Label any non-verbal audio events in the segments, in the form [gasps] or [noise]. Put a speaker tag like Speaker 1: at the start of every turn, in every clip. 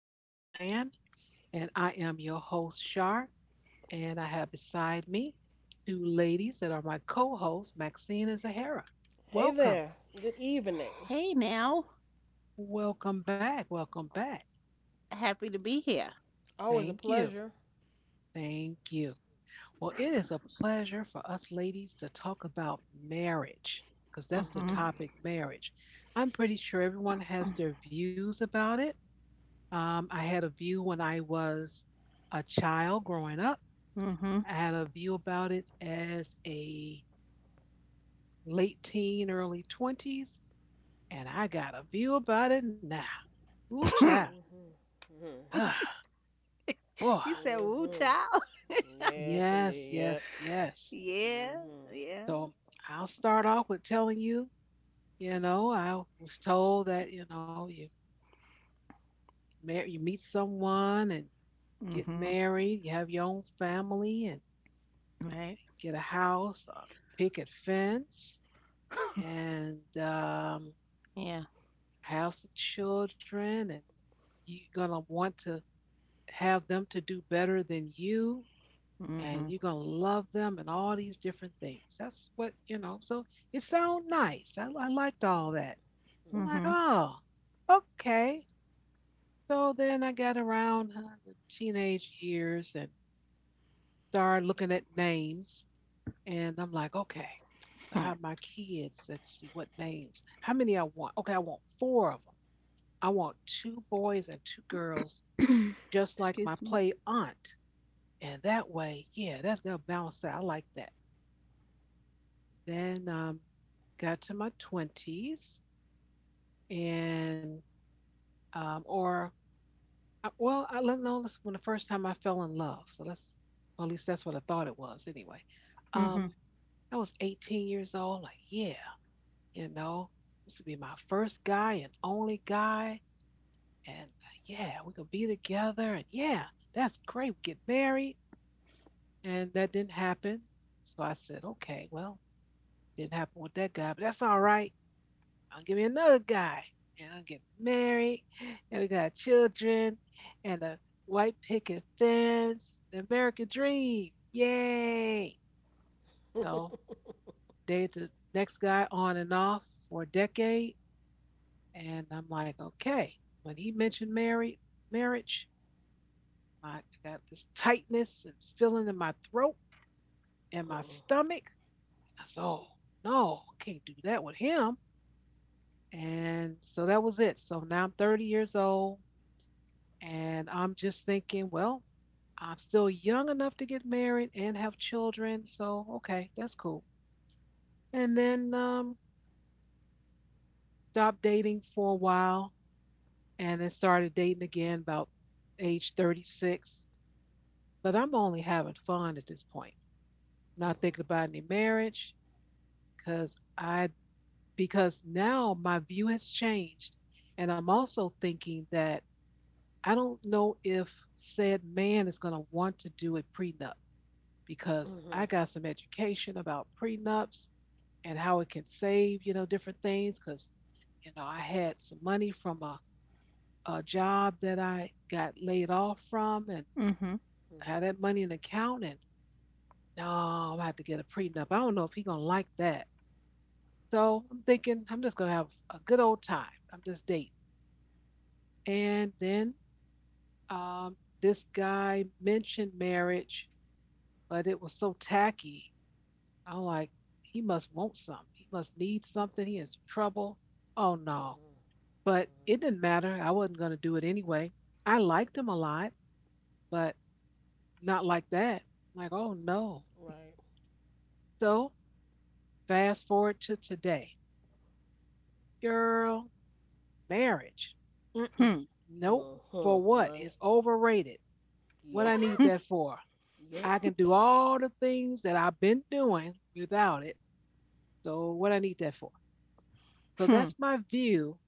Speaker 1: podcast land. And I am your host, Shar. And I have beside me two ladies that are my co hosts, Maxine and Zahara.
Speaker 2: Hey
Speaker 1: Welcome.
Speaker 2: there. Good evening.
Speaker 3: Hey now,
Speaker 1: Welcome back. Welcome back.
Speaker 3: happy to be here.
Speaker 2: Always a
Speaker 1: Thank you.
Speaker 2: pleasure.
Speaker 1: Thank you. Well, it is a pleasure for us ladies to talk about marriage because that's the
Speaker 3: Mhm.
Speaker 2: Mhm.
Speaker 1: topic marriage. I'm pretty sure everyone has their views about it. I had a view when I was a child growing up.
Speaker 3: Mhm.
Speaker 1: I had a view about it as a late teen, early 20s, and I got a view about it now. Ooh, child.
Speaker 3: [coughs]
Speaker 2: Mhm. Mhm.
Speaker 1: [sighs] Boy,
Speaker 3: You said woo
Speaker 2: Mhm.
Speaker 3: child? [laughs]
Speaker 2: Yes,
Speaker 1: yes,
Speaker 2: indeed. Yep.
Speaker 1: yes, yes.
Speaker 3: Yeah.
Speaker 2: Mhm.
Speaker 3: Yeah.
Speaker 1: So I'll start off with telling you, I was told that you meet someone and get
Speaker 3: Mhm.
Speaker 1: married, you have your own family and
Speaker 3: Right.
Speaker 1: get a house, a picket fence, and
Speaker 3: Yeah.
Speaker 1: have some children and you're gonna want to have them to do better than you, and
Speaker 3: Mhm.
Speaker 1: you're gonna love them and all these different things. That's what you know. So it sounds nice. I liked all that. I'm
Speaker 2: Mhm.
Speaker 1: like,
Speaker 3: Mhm.
Speaker 1: oh, okay. So then I got around the teenage years and started looking at names, and I'm like, okay, I
Speaker 3: Hmm.
Speaker 1: have my kids. Let's see what names. How many I want? Okay, I want four of them. I want two boys and two girls,
Speaker 3: [coughs]
Speaker 1: just like
Speaker 3: Excuse
Speaker 1: my
Speaker 3: me.
Speaker 1: play aunt. And that way, yeah, that's gonna balance out. I like that. Then got to my twenties, and or well, I let know this when the first time I fell in love. So well, at least that's what I thought it was anyway.
Speaker 3: Mhm.
Speaker 1: Um, I was 18 years old. Like, yeah, you know, this would be my first guy and only guy, and yeah, we could be together, and yeah, that's great. We get married, and that didn't happen. So I said, okay, well, didn't happen with that guy, but that's all right. I'll give me another guy, and I'll get married, and we got children, and a white picket fence, the American dream, yay! So
Speaker 2: [laughs]
Speaker 1: dated the next guy on and off for a decade, and I'm like, okay. When he mentioned married marriage, I got this tightness and feeling in my throat and my
Speaker 2: Uh-uh.
Speaker 1: stomach. I said, oh no, I can't do that with him. And so that was it. So now I'm 30 years old and I'm just thinking, well, I'm still young enough to get married and have children. So, okay, that's cool. And then stopped dating for a while and then started dating again about age 36. But I'm only having fun at this point, not
Speaker 2: Mhm.
Speaker 1: thinking about any marriage because I, because now my view has changed. And I'm also thinking that I don't know if said man is going to want to do a prenup because I
Speaker 2: Mhm.
Speaker 1: got some education about prenups and how it can save, different things. Because, I had some money from a job that I got laid off from and
Speaker 3: Mhm.
Speaker 1: I
Speaker 2: Mhm.
Speaker 1: had that money in account. And no, I'm going to have to get a prenup. I don't know if he's going to like that. So I'm thinking I'm just going to have a good old time. I'm just dating. And then um, this guy mentioned marriage but it was so tacky. I'm like, he must want something. He must need something. He is trouble. Oh no.
Speaker 2: Mhm.
Speaker 1: But
Speaker 2: Mhm.
Speaker 1: it didn't
Speaker 2: [laughs]
Speaker 1: matter. I wasn't going to do it anyway. I liked him a lot, but not like that. Like, oh no.
Speaker 2: Right.
Speaker 1: So fast forward to today. Girl, marriage. Mm-mm.
Speaker 3: Hmm. [coughs]
Speaker 1: Nope. For
Speaker 2: Mhm.
Speaker 1: what?
Speaker 2: Right.
Speaker 1: It's overrated. What
Speaker 2: Yep.
Speaker 1: I need that
Speaker 3: [laughs]
Speaker 1: for?
Speaker 2: Yep.
Speaker 1: I can do all the things that I've been doing without it. So what I need that for? So
Speaker 3: Hmm.
Speaker 1: that's my view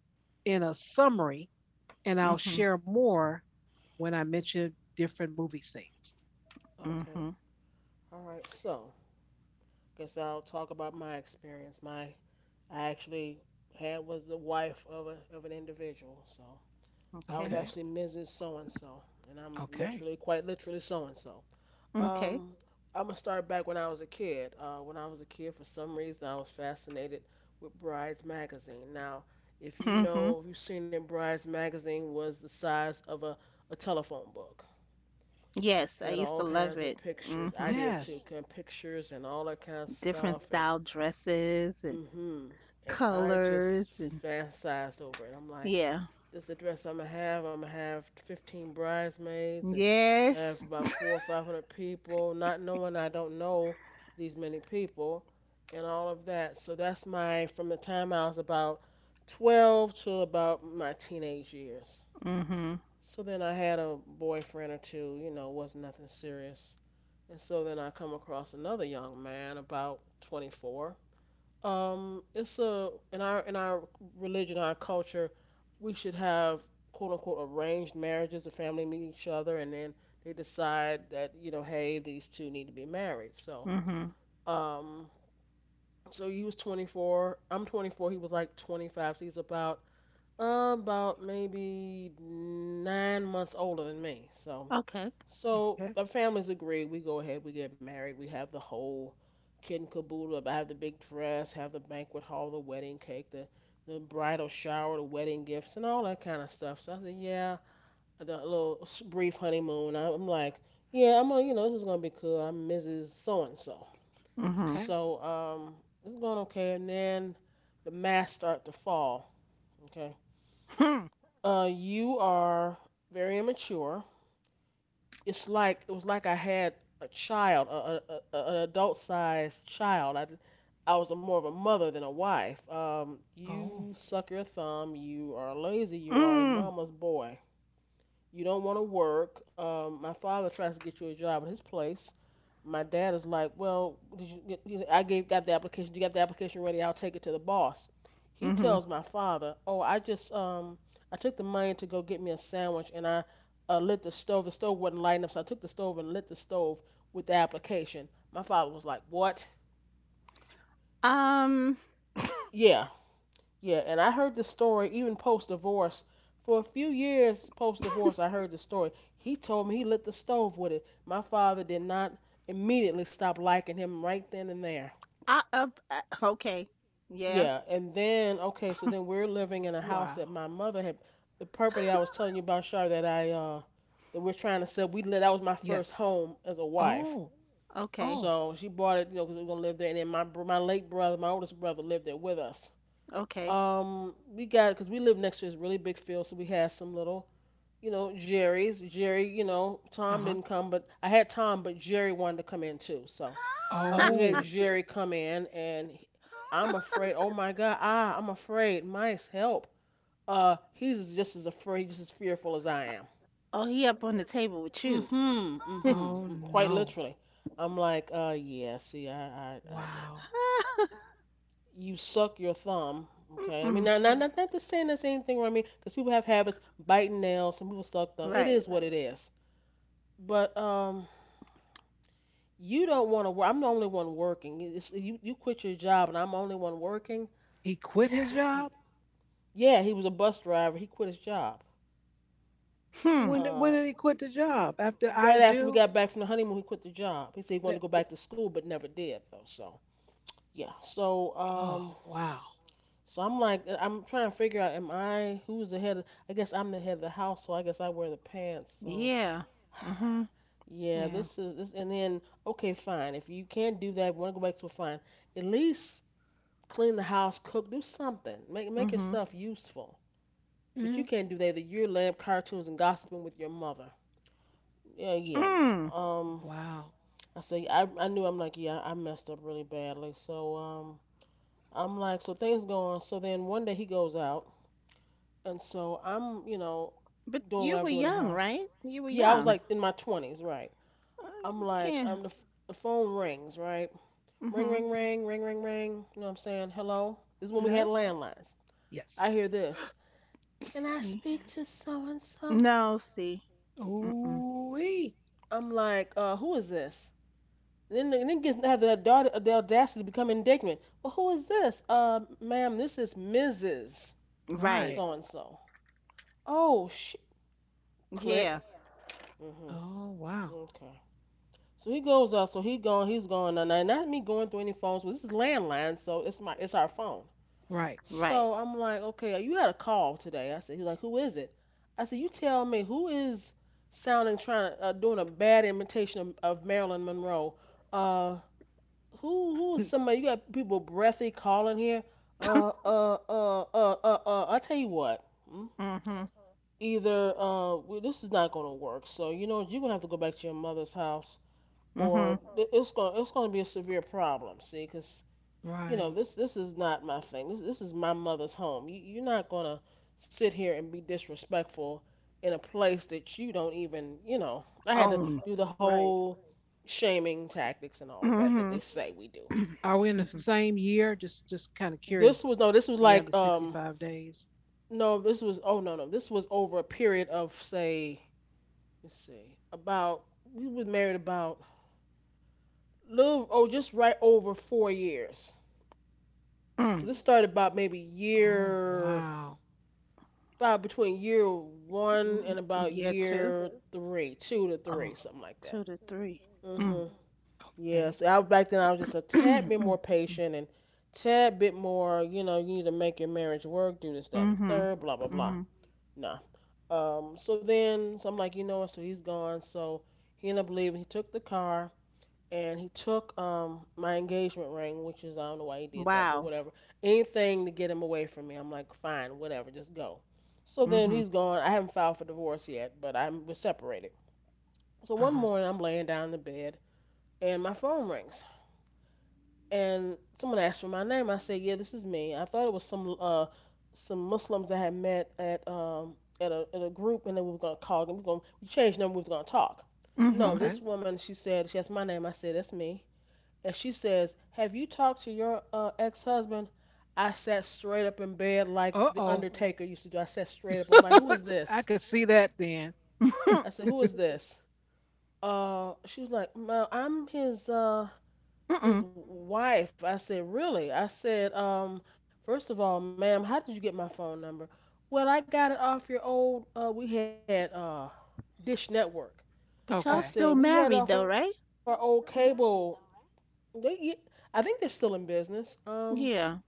Speaker 1: in a summary, and I'll
Speaker 3: Mhm.
Speaker 1: share more when I mention different movie scenes.
Speaker 2: Okay.
Speaker 3: Mhm.
Speaker 2: All right. So, guess I'll talk about my experience. My I actually had was the wife of a of an individual. So, I
Speaker 3: Okay.
Speaker 2: was
Speaker 1: Okay.
Speaker 2: actually Mrs. So and so, and I'm
Speaker 1: Okay.
Speaker 2: literally, quite literally, so and so.
Speaker 3: Okay.
Speaker 2: Um, I'm gonna start back when I was a kid. When I was a kid, for some reason, I was fascinated with Brides magazine. Now, if you
Speaker 3: Mhm.
Speaker 2: know, if you've seen it, Brides magazine was the size of a telephone book.
Speaker 3: Yes, I
Speaker 2: Had
Speaker 3: used to
Speaker 2: all
Speaker 3: love
Speaker 2: kinds of
Speaker 3: it.
Speaker 2: pictures. I
Speaker 3: Mhm.
Speaker 2: did too,
Speaker 1: Yes.
Speaker 2: kind of pictures and all that kind of
Speaker 3: Different
Speaker 2: stuff, and
Speaker 3: style dresses and
Speaker 2: Mhm, and I
Speaker 3: colors
Speaker 2: just
Speaker 3: and
Speaker 2: fantasized over it. I'm like,
Speaker 3: yeah.
Speaker 2: this address I'm gonna have 15 bridesmaids and have
Speaker 3: Yes.
Speaker 2: about four or 500 people, not knowing I don't know these many people and all of that. So that's my from the time I was about 12 to about my teenage years.
Speaker 3: Mhm.
Speaker 2: So then I had a boyfriend or two, was nothing serious. And so then I come across another young man about 24. It's a in our religion, our culture, we should have quote unquote arranged marriages. The family meet each other, and then they decide that hey, these two need to be married.
Speaker 3: Mhm.
Speaker 2: Um, so, he was 24. I'm 24. He was like 25. So he's about maybe 9 months older than me. So
Speaker 3: Okay.
Speaker 2: so
Speaker 1: Okay.
Speaker 2: our families agree. We go ahead. We get married. We have the whole kit and caboodle. I have the big dress. Have the banquet hall. The wedding cake. The bridal shower. The wedding gifts and all that kind of stuff. So I said, yeah. The little brief honeymoon. I'm like, yeah. I'm gonna, you know, This is gonna be cool. I'm Mrs. So and so.
Speaker 3: Mhm.
Speaker 1: Okay.
Speaker 2: So um, it's going okay. And then the masks start to fall. Okay.
Speaker 3: Hmm.
Speaker 2: You are very immature. It was like I had a child, a an adult sized child. I was a more of a mother than a wife.
Speaker 1: Oh.
Speaker 2: You suck your thumb. You are lazy. You are a
Speaker 3: Mm.
Speaker 2: mama's boy. You don't want to work. My father tries to get you a job at his place. My dad is like, well, did you, get- you know, I gave got the application. You got the application ready. I'll take it to the boss. He
Speaker 3: Mhm.
Speaker 2: tells my father, oh, I took the money to go get me a sandwich and I lit the stove. The stove wasn't lighting up, so I took the stove and lit the stove with the application. My father was like, what?
Speaker 3: Um.
Speaker 2: Yeah, yeah. And I heard the story even post divorce. For a few years post divorce, I heard the story. He told me he lit the stove with it. My father did not immediately stop liking him right then and there.
Speaker 3: I, uh, uh, okay. Yeah.
Speaker 2: Yeah, and then okay, so then we're living in a house
Speaker 1: Wow.
Speaker 2: that my mother had the property I was telling you about, Shar, that we're trying to sell. We lived, that was my first
Speaker 1: Yes.
Speaker 2: home as a wife.
Speaker 1: Oh.
Speaker 3: Okay.
Speaker 1: Oh.
Speaker 2: So she bought it, you know, 'cause we were gonna live there. And then my late brother, my oldest brother, lived there with us.
Speaker 3: Okay.
Speaker 2: We got because we lived next to this really big field, so we had some little, Jerry's. Jerry,
Speaker 1: Uh
Speaker 2: Tom
Speaker 1: huh.
Speaker 2: didn't come, but I had Tom, but Jerry wanted to come in too. So we had
Speaker 1: Oh.
Speaker 3: [laughs]
Speaker 2: Jerry come in, and I'm afraid. Oh my God! Ah, I'm afraid. Mice, help! He's just as afraid, just as fearful as I am.
Speaker 3: Oh, he up on the table with you.
Speaker 2: Mm-hmm. Mm-hmm.
Speaker 3: [laughs]
Speaker 1: Oh
Speaker 2: Quite
Speaker 1: no.
Speaker 2: literally. I'm like, yeah. See, I know.
Speaker 1: Wow.
Speaker 2: You suck your thumb. Okay. I mean,
Speaker 3: Mm-mm.
Speaker 2: not to saying that's anything wrong. I mean, because people have habits, biting nails. Some people suck thumb. It
Speaker 3: Right.
Speaker 2: is what it is. But you don't want to work. I'm the only one working. It's, you quit your job, and I'm the only one working.
Speaker 1: He quit his
Speaker 2: Yeah.
Speaker 1: job.
Speaker 2: Yeah, he was a bus driver. He quit his job.
Speaker 3: Hmm.
Speaker 1: When did- when
Speaker 2: Uh,
Speaker 1: did he quit the job? After I
Speaker 2: right after we
Speaker 1: do.
Speaker 2: got back from the honeymoon, he quit the job. He said he wanted
Speaker 1: Th-
Speaker 2: to go
Speaker 1: th-
Speaker 2: back to school, but never did though. So yeah, so um,
Speaker 1: Oh wow.
Speaker 2: so I'm like, I'm trying to figure out, am I who's the head? Of, I guess I'm the head of the house, so I guess I wear the pants. So
Speaker 3: Yeah. Mhm.
Speaker 2: yeah,
Speaker 3: Yeah.
Speaker 2: this is this, and then okay, fine. If you can't do that, want to go back to a fine, at least clean the house, cook, do something, make
Speaker 3: Mhm.
Speaker 2: yourself useful. But you
Speaker 1: Mhm.
Speaker 2: can't do that. Either you're lamb cartoons and gossiping with your mother. Yeah, yeah, no.
Speaker 3: Mm.
Speaker 1: Wow.
Speaker 2: I say I knew I'm like yeah I messed up really badly. So I'm like so things go on. So then one day he goes out, and so I'm
Speaker 3: But
Speaker 2: doing
Speaker 3: you
Speaker 2: what I'm
Speaker 3: were
Speaker 2: doing in the
Speaker 3: young,
Speaker 2: house.
Speaker 3: right? You were
Speaker 2: Yeah, I was
Speaker 3: young.
Speaker 2: like in my 20s, right?
Speaker 3: Uh,
Speaker 2: I'm
Speaker 3: you
Speaker 2: like
Speaker 3: can't.
Speaker 2: the phone rings, right? Ring
Speaker 3: Mhm.
Speaker 2: ring ring ring ring ring. You know what I'm saying? Hello. This is when we had
Speaker 1: Hello.
Speaker 2: landlines. I
Speaker 1: Yes.
Speaker 2: hear this. Can
Speaker 3: Excuse
Speaker 2: I
Speaker 3: me.
Speaker 2: speak to so and so?
Speaker 3: No. See. Mm-mm.
Speaker 1: Ooh.
Speaker 2: I'm like, who is this? Then the niggas have the audacity to become indignant. Well, who is this? Ma'am, this is Mrs.
Speaker 3: Right.
Speaker 1: Right.
Speaker 2: So and so. Oh, shit! Click.
Speaker 3: Yeah.
Speaker 2: Mhm.
Speaker 1: Oh wow.
Speaker 2: Okay. So he goes up. So he going he's going Now not me going through any phones, but this is landline, so it's our phone.
Speaker 1: Right.
Speaker 3: Right.
Speaker 2: So I'm like, okay, you had a call today. I said, he's like, who is it? I said, you tell me who is sounding trying to doing a bad imitation of Marilyn Monroe. Uh, who is
Speaker 1: [laughs]
Speaker 2: somebody you got people breathy calling here? I tell you what. mm,
Speaker 3: Mhm.
Speaker 2: either uh we, this is not going to work, so you're going to have to go back to your mother's house, or
Speaker 3: Mhm.
Speaker 2: it's going to be a severe problem. See, 'cause
Speaker 1: Right.
Speaker 2: this is not my thing. This is my mother's home. You're not going to sit here and be disrespectful in a place that you don't even. I had to
Speaker 3: Own.
Speaker 2: do the
Speaker 3: Right.
Speaker 2: whole shaming tactics and all of that that
Speaker 3: Mm-hmm.
Speaker 2: they say we do.
Speaker 1: Are we in the
Speaker 3: Hmm.
Speaker 1: same year? Just kind of
Speaker 2: This
Speaker 1: curious.
Speaker 2: was no, this was like
Speaker 1: 365 days.
Speaker 2: no, this was oh no no, this was over a period of say let's see about we were married about little oh just right over 4 years. So
Speaker 3: Mm.
Speaker 2: this started about maybe
Speaker 1: Oh,
Speaker 2: year
Speaker 1: wow.
Speaker 2: about between year one
Speaker 3: Mm,
Speaker 2: and about
Speaker 3: yeah, two.
Speaker 2: year three, two to
Speaker 3: Oh,
Speaker 2: three, something like that.
Speaker 3: two to three. Mm.
Speaker 2: Mhm.
Speaker 3: [clears throat]
Speaker 2: Yeah.
Speaker 1: Okay.
Speaker 2: So I back then I was just a tad bit more
Speaker 3: Mm.
Speaker 2: patient and tad bit more. You know, you need to make your marriage work, do this, that, and the
Speaker 3: Mm-hmm.
Speaker 2: third, blah blah blah.
Speaker 3: Mm-hmm.
Speaker 2: Nah. So then, I'm like, you know what? So he's gone. So he ended up leaving. He took the car and he took my engagement ring, which is I don't know why he did that, but
Speaker 3: Wow.
Speaker 2: whatever. Anything to get him away from me. I'm like, fine, whatever, just go. So then
Speaker 3: Mm-hmm.
Speaker 2: he's gone. I haven't filed for divorce yet, but I was separated. So one
Speaker 1: Uh-huh.
Speaker 2: morning I'm laying down in the bed and my phone rings and someone asked for my name. I said, "Yeah, this is me." I thought it was some Muslims that had met at a group, and they were gonna call them. We changed them. We was gonna talk. No,
Speaker 1: Okay.
Speaker 2: this woman, she said, she asked my name. I said, "That's me." And she says, "Have you talked to your ex-husband?" I sat straight up in bed like the
Speaker 1: Uh-oh.
Speaker 2: Undertaker used to do. I sat straight up. I'm like, "Who is
Speaker 1: [laughs] I
Speaker 2: this?"
Speaker 1: could see that then.
Speaker 3: Mm-hmm.
Speaker 2: I said, "Who is this?" She was like, "I'm his uh
Speaker 3: [laughs] Mm-mm.
Speaker 2: his wife." I said, Really? I said, First of all, ma'am, how did you get my phone number? Well, I got it off your old, we had Dish Network.
Speaker 3: But y'all
Speaker 1: Okay.
Speaker 2: I
Speaker 3: still
Speaker 2: said, We
Speaker 3: married though,
Speaker 2: had off
Speaker 3: right?
Speaker 2: our old cable. They, yeah, I think they're still in business.
Speaker 3: Yeah.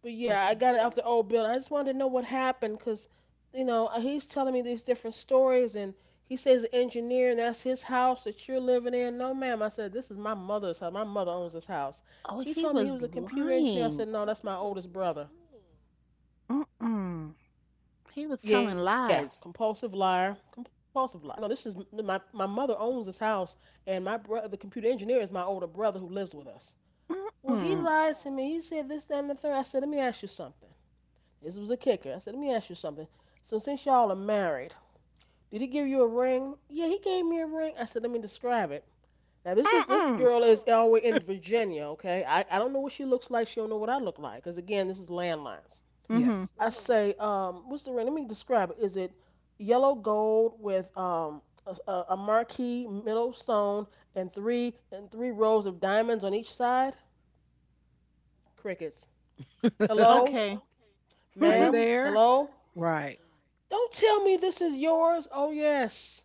Speaker 2: But yeah, I
Speaker 1: Okay.
Speaker 2: got it off the old building. I just wanted to know what happened because, he's telling me these different stories and he says the engineer and that's his house that you're living in. No, ma'am. I said, this is my mother's house. My mother owns this house.
Speaker 3: Oh,
Speaker 2: He
Speaker 3: he
Speaker 2: told me he
Speaker 3: was
Speaker 2: was a computer engineer. I
Speaker 3: lying.
Speaker 2: said, no, that's my oldest brother. Yeah, compulsive
Speaker 3: Mm-mm.
Speaker 2: liar. Compulsive liar.
Speaker 3: He was telling lies.
Speaker 2: I said, no. I said, no. This is my mother owns this house, and my brother, the computer engineer, is my older brother who lives with us. Well, he
Speaker 3: Mm-mm.
Speaker 2: lied to me. He said this, that, and the third. I said, let me ask you something. This was a kicker. I said, let me ask you something. So since y'all are married, did he give you a ring? Yeah, he gave me a ring. I said, let me describe it. Now this is this
Speaker 3: Mm-mm.
Speaker 2: girl is all the way in Virginia, okay? I don't know what she looks like. She don't know what I look like, cause again, this is landlines.
Speaker 3: Mm-hmm.
Speaker 1: Yes.
Speaker 2: I say, what's the ring? Let me describe it. Is it yellow gold with a marquee middle stone and three rows of diamonds on each side? Crickets. Hello?
Speaker 1: [laughs]
Speaker 3: Okay.
Speaker 1: Are you
Speaker 2: Ma'am?
Speaker 3: [laughs]
Speaker 1: there?
Speaker 2: Hello?
Speaker 1: Right.
Speaker 2: Don't tell me this is yours. Oh, yes.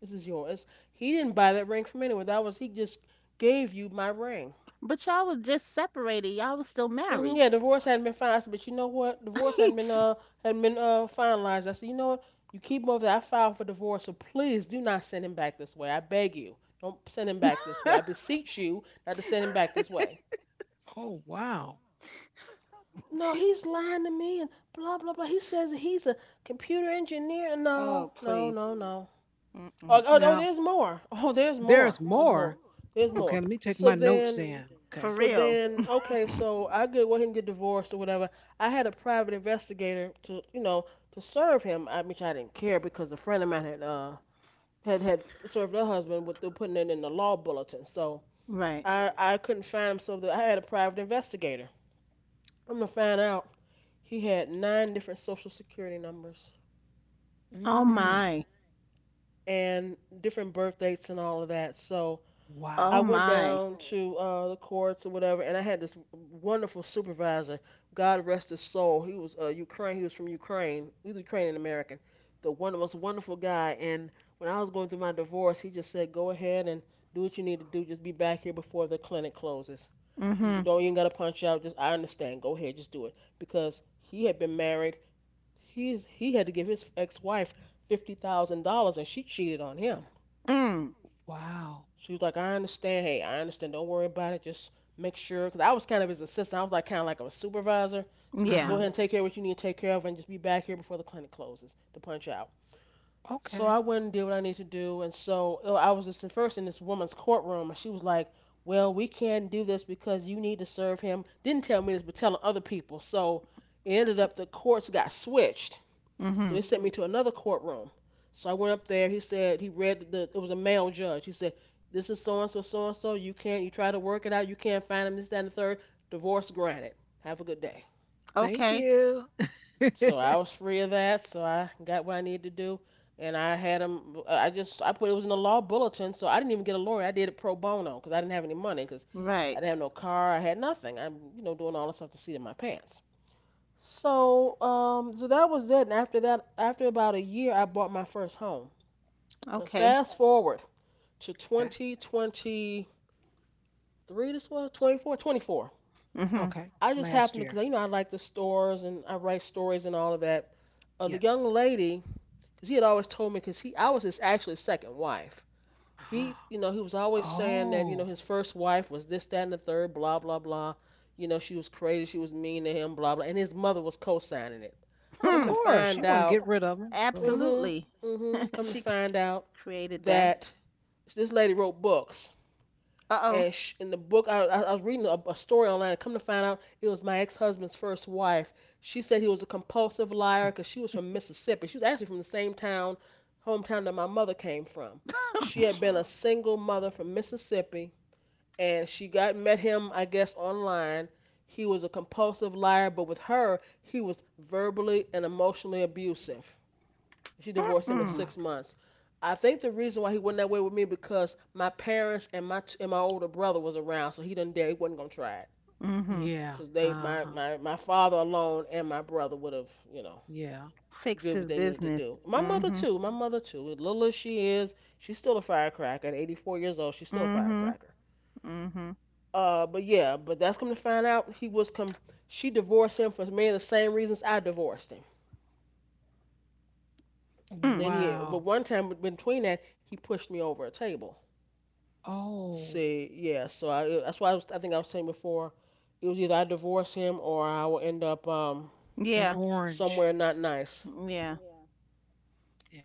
Speaker 2: This is yours. He didn't buy that ring from anyone. That was, he just gave you my ring.
Speaker 3: But y'all was just separated. Y'all was still
Speaker 2: Yeah,
Speaker 3: married.
Speaker 2: divorce hadn't been finalized. I said, but you know what? Divorce hadn't been, finalized. I said, you know what? You keep him over there. I filed for divorce. So please do not send him back this way. I beg you. Don't send him back this way. I beseech you not to send him back
Speaker 3: [laughs]
Speaker 2: this way.
Speaker 1: Oh, wow.
Speaker 3: [laughs]
Speaker 2: No,
Speaker 3: She's
Speaker 2: he's lying to me and blah blah blah. He says he's a computer engineer. No,
Speaker 3: Oh,
Speaker 2: no,
Speaker 3: please.
Speaker 2: no, no.
Speaker 3: Mm-mm.
Speaker 2: Oh, oh, oh
Speaker 1: Now,
Speaker 2: there's more. [laughs] Oh, there's more.
Speaker 1: there's
Speaker 2: There's more.
Speaker 1: more.
Speaker 2: There's
Speaker 1: Okay,
Speaker 2: more.
Speaker 1: let me take
Speaker 2: So
Speaker 1: my notes
Speaker 2: then,
Speaker 1: down.
Speaker 3: For
Speaker 1: Okay.
Speaker 3: real.
Speaker 2: okay. So I could go ahead and get divorced or whatever. I had a private investigator to, you know, to serve him. I Which I didn't care because a friend of mine had, had served her husband with through putting it in the law bulletin. So
Speaker 3: Right.
Speaker 2: I couldn't find him. So that I had a private investigator. I'm gonna find out he had nine different social security numbers
Speaker 3: Oh
Speaker 1: Mm,
Speaker 3: my.
Speaker 2: and different birth dates and all of that. So
Speaker 1: wow.
Speaker 3: Oh
Speaker 2: I went
Speaker 3: my.
Speaker 2: down to the courts or whatever, and I had this wonderful supervisor. God rest his soul. He was Ukraine. He was from Ukraine. He was Ukrainian American. The most wonderful guy. And when I was going through my divorce, he just said, "Go ahead and do what you need to do. Just be back here before the clinic closes. You
Speaker 3: Mm-hmm.
Speaker 2: don't even gotta punch out. Just I understand. Go ahead. Just do it." Because he had been married. He had to give his ex-wife $50,000, and she cheated on him.
Speaker 3: Mm.
Speaker 1: Wow.
Speaker 2: She was like, "I understand. Hey, I understand. Don't worry about it. Just make sure." Because I was kind of his assistant. I was like kind of like a supervisor. So just go
Speaker 3: Yeah.
Speaker 1: Uh-huh.
Speaker 2: ahead and take care of what you need to take care of, and just be back here before the clinic closes to punch out. So
Speaker 1: Okay.
Speaker 2: I went and did what I needed to do, and so I was just first in this woman's courtroom, and she was like, "Well, we can't do this because you need to serve him." Didn't tell me this, but telling other people. So it ended up the courts got switched so
Speaker 3: Mm-hmm.
Speaker 2: they sent me to another courtroom. So I went up there. He said he read the. It was a male judge. He said, "This is so and so, so and so. You can't. You try to work it out. You can't find him. This, that, and the third. Divorce granted. Have a good day."
Speaker 1: Thank
Speaker 3: Okay.
Speaker 1: you.
Speaker 2: So I was free of that. So I got what I needed to do, and I had him. I put it was in the law bulletin. So I didn't even get a lawyer. I did it pro bono because I didn't have any money because I
Speaker 3: Right.
Speaker 2: didn't have no car. I had nothing. I'm you know doing all this stuff to see in my pants. So, so that was it. And after that, after about a year, I bought my first home. But
Speaker 3: Okay.
Speaker 2: fast forward to
Speaker 1: [laughs]
Speaker 2: 2023, this was 24, 24.
Speaker 3: Mm-hmm.
Speaker 1: Okay,
Speaker 2: I just
Speaker 1: last
Speaker 2: happened to,
Speaker 1: year.
Speaker 2: cause you know I like the stores and I write stories and all of that. The young
Speaker 1: Yes.
Speaker 2: lady, cause he had always told me, cause he I was his actually second wife. He, you know, he was
Speaker 1: [gasps]
Speaker 2: always saying that, you know,
Speaker 1: Oh,
Speaker 2: his first wife was this, that, and the third, blah, blah, blah. You know, she was crazy, she was mean to him, blah, blah. And his mother was co signing it.
Speaker 1: of
Speaker 2: Come to
Speaker 3: Hmm.
Speaker 1: course. You
Speaker 2: find
Speaker 1: want to get
Speaker 2: out,
Speaker 1: rid of them. Go ahead.
Speaker 2: mm
Speaker 3: Absolutely. [laughs]
Speaker 2: come to
Speaker 3: She
Speaker 2: find out
Speaker 3: created that.
Speaker 2: that this lady wrote books
Speaker 3: Uh-oh.
Speaker 2: and sh in the book I was reading a story online and come to find out it was my ex-husband's first wife. She said he was a compulsive liar because she was from Mississippi. She was actually from the same town hometown that my mother came from. She had
Speaker 3: [laughs]
Speaker 2: been
Speaker 1: Oh,
Speaker 2: a single mother from Mississippi, and she got met him I guess online. He was a compulsive liar, but with her he was verbally and emotionally abusive. She divorced him in
Speaker 1: wow.
Speaker 3: Mm-mm.
Speaker 2: 6 months. I think the reason why he went that way with me because my parents and my older brother was around, so he didn't dare. He wasn't gonna try it
Speaker 3: Mm-hmm.
Speaker 1: Yeah.
Speaker 2: because they
Speaker 1: Uh-huh.
Speaker 2: my father alone and my brother would have you know
Speaker 1: Yeah.
Speaker 3: Fixed
Speaker 2: did what
Speaker 3: his
Speaker 2: they needed to
Speaker 3: business.
Speaker 2: do. My mother
Speaker 3: Mm-hmm.
Speaker 2: too. My mother too. As little as she is, she's still a firecracker. At 84 years old, she's still a
Speaker 3: Mm-hmm.
Speaker 2: firecracker.
Speaker 3: Mm-hmm.
Speaker 2: But yeah, but that's come to find out he was come. She divorced him for many of the same reasons I divorced him. And
Speaker 3: Mm.
Speaker 2: then he,
Speaker 1: Wow.
Speaker 2: but one time between that, he pushed me over a table.
Speaker 1: Oh,
Speaker 2: See, yeah, so that's why was, I think I was saying before, it was either I divorce him or I will end up
Speaker 3: Yeah.
Speaker 1: an
Speaker 2: somewhere
Speaker 1: orange.
Speaker 2: not nice.
Speaker 3: Yeah.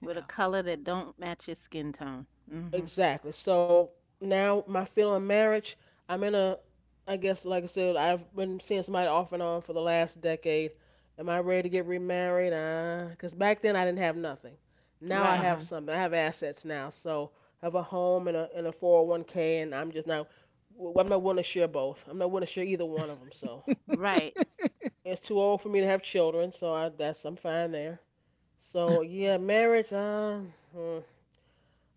Speaker 3: With a color that don't match his skin tone. Mm-hmm.
Speaker 2: Exactly. So now my feeling on marriage, I'm in I guess, like I said, I've been seeing somebody off and on for the last decade. Am I ready to get remarried? Because back then I didn't have nothing. Now I
Speaker 3: Right.
Speaker 1: Uh-huh.
Speaker 2: have something. I have assets now. So I have a home and a 401k, and I'm just not, I'm not willing to share both. I'm not willing to share either one of them. So.
Speaker 3: Right.
Speaker 2: It's too old for me to have children, so I that's I'm fine there. So
Speaker 1: [laughs]
Speaker 2: yeah, marriage. Hmm.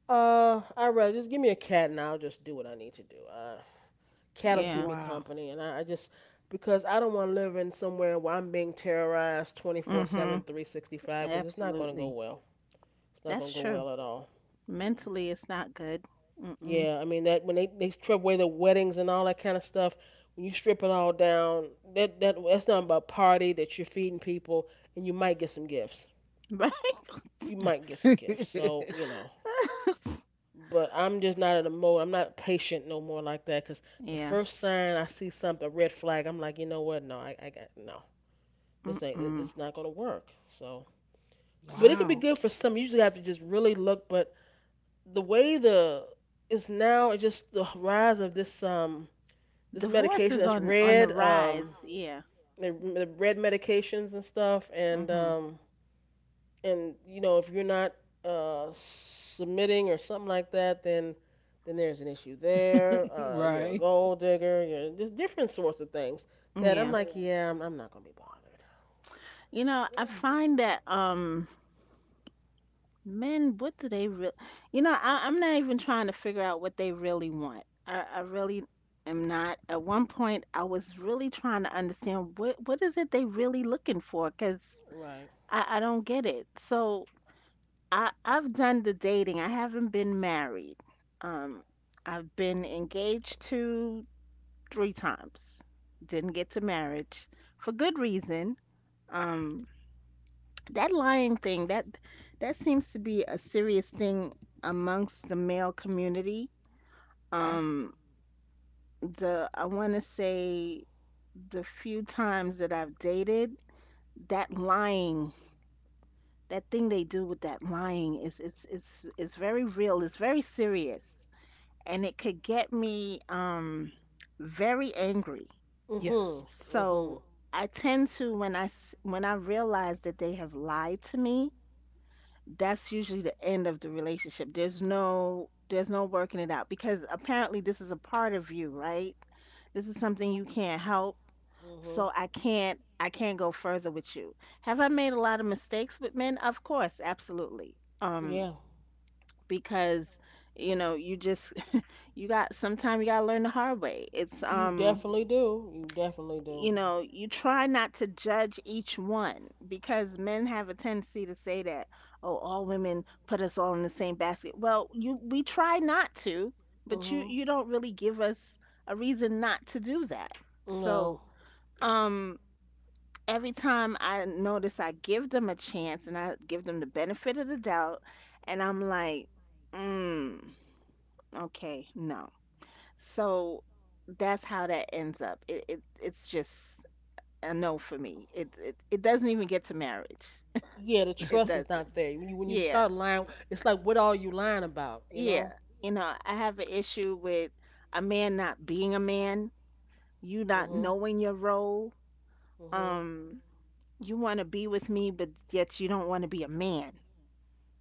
Speaker 2: I rather just give me a cat and I'll just do what I need to do. Cat'll keep
Speaker 3: Yeah.
Speaker 2: me
Speaker 1: Wow.
Speaker 2: company, and I just because I don't want to live in somewhere where I'm being terrorized 24/7,
Speaker 3: Mm-hmm.
Speaker 2: 365, because it's not gonna go
Speaker 3: Absolutely.
Speaker 2: well. It's not gonna
Speaker 3: That's
Speaker 2: go
Speaker 3: true.
Speaker 2: well at all. Mm.
Speaker 3: Mentally, it's not good. Mm-mm.
Speaker 2: Yeah,
Speaker 3: [laughs]
Speaker 2: I mean that when they strip away the weddings and all that kind of stuff, when you strip it all down, that that's not about party that you're feeding people and you might get some gifts.
Speaker 3: Right?
Speaker 2: You might get some gifts. So,
Speaker 1: [laughs]
Speaker 2: you know, but I'm just not in a mode. I'm not patient no more like that. Cause the
Speaker 3: Yeah.
Speaker 2: first sign I see something, a red flag, I'm like, you know what? No, I got no. This ain't.
Speaker 3: Mm-mm.
Speaker 2: This is not gonna work. So, but it could be good
Speaker 1: Wow.
Speaker 2: for some. You usually have to just really look. But the way the it's now, it's just the rise of this this
Speaker 3: Divorce
Speaker 2: medication
Speaker 3: is
Speaker 2: that's
Speaker 3: on the
Speaker 2: red
Speaker 3: rise. Yeah.
Speaker 2: the red medications and stuff
Speaker 3: Mm-hmm.
Speaker 2: and you know if you're not submitting or something like that, then there's an issue there.
Speaker 1: [laughs]
Speaker 2: You're a
Speaker 1: Right.
Speaker 2: gold digger. You're There's different sorts of things that I'm
Speaker 3: Yeah.
Speaker 2: like, yeah. Yeah, I'm not gonna be bothered.
Speaker 3: You know, I find that men, what do they really? You know, I, I'm not even trying to figure out what they really want. I really am not. At one point, I was really trying to understand what is it they really looking for, because
Speaker 2: Right.
Speaker 3: I don't get it. So I've done the dating. I haven't been married. Um, I've been engaged to three times. Didn't get to marriage for good reason. Um, that lying thing that seems to be a serious thing amongst the male community.
Speaker 1: Okay.
Speaker 3: Um, the I want to say the few times that I've dated, that lying, that thing they do with that lying is it's is very real. It's very serious. And it could get me very angry.
Speaker 2: Mhm.
Speaker 1: Yes.
Speaker 2: Mhm.
Speaker 3: So I tend to, when I realize that they have lied to me, that's usually the end of the relationship. There's no working it out, because apparently this is a part of you, right? This is something you can't help.
Speaker 2: Mhm.
Speaker 3: So I can't go further with you. Have I made a lot of mistakes with men? Of course, absolutely.
Speaker 2: Yeah.
Speaker 3: Because, you know, you just, you got, sometimes you got to learn the hard way. It's
Speaker 2: You definitely do. You definitely do.
Speaker 3: you know, you try not to judge each one because men have a tendency to say that, oh, all women put us all in the same basket. Well, you, we try not to, but you
Speaker 2: Mhm.
Speaker 3: you don't really give us a reason not to do that. So
Speaker 2: No.
Speaker 3: um every time, I notice I give them a chance and I give them the benefit of the doubt, and I'm like, mm okay, no. So that's how that ends up. It's just a no for me. It doesn't even get to marriage.
Speaker 2: Yeah, the trust is
Speaker 3: It
Speaker 2: not
Speaker 3: doesn't.
Speaker 2: there. When you start
Speaker 3: Yeah,
Speaker 2: lying, it's like what are you lying about? You know.
Speaker 3: yeah. You know, I have an issue with a man not being a man, you not
Speaker 2: Mhm.
Speaker 3: knowing your role.
Speaker 2: Mhm.
Speaker 3: Um, you want to be with me, but yet you don't want to be a man.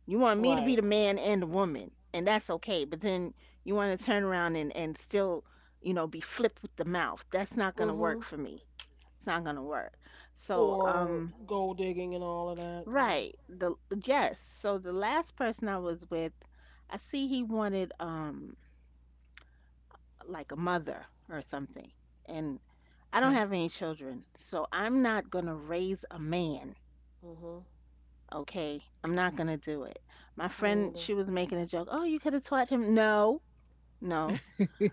Speaker 3: You want me to be
Speaker 2: Right.
Speaker 3: the man and the woman, and that's okay. But then you want to turn around and, and still you know, be flipped with the mouth. That's not going to work
Speaker 2: Mhm.
Speaker 3: for me. It's not going to work. So,
Speaker 2: Or gold digging and all of that, you know.
Speaker 3: right. The yes. So the last person I was with, I see he wanted like a mother or something. And I don't have
Speaker 1: Okay.
Speaker 3: any children. So I'm not going to raise a man.
Speaker 2: Mhm.
Speaker 3: Okay? I'm not going to do it. My
Speaker 2: Me
Speaker 3: friend,
Speaker 2: either.
Speaker 3: she was making a joke. Oh, you could have taught him. No. No,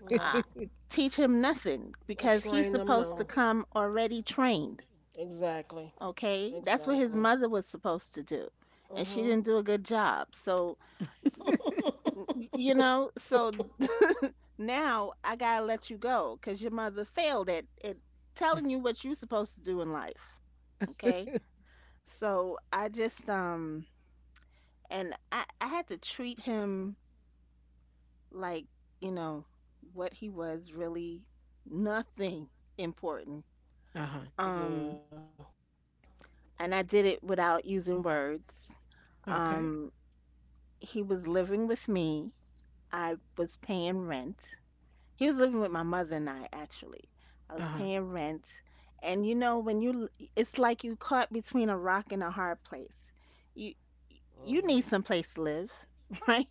Speaker 2: No.
Speaker 3: I teach him nothing
Speaker 2: Or
Speaker 3: because he's
Speaker 2: train them?
Speaker 3: supposed to
Speaker 2: No.
Speaker 3: come already trained.
Speaker 2: Exactly.
Speaker 3: Okay, that's what his
Speaker 2: Exactly.
Speaker 3: mother was supposed to do, and she
Speaker 2: Mhm.
Speaker 3: didn't do a good job. So, y- you know,
Speaker 2: [laughs]
Speaker 3: so now I gotta let you go because your mother failed at, telling you what you're supposed to do in life. Okay, so I just, and I had to treat him like, you know, what he was really, nothing important.
Speaker 1: Uh-huh.
Speaker 2: Yeah.
Speaker 3: Um, and I did it without using words.
Speaker 1: Okay.
Speaker 3: Um, he was living with me. I was paying rent. He was living with my mother and I, actually. I was
Speaker 1: Uh-huh.
Speaker 3: paying rent. And you know, it's like you caught between a rock and a hard place. You,
Speaker 2: Mhm.
Speaker 3: you need some place to live, [laughs] right?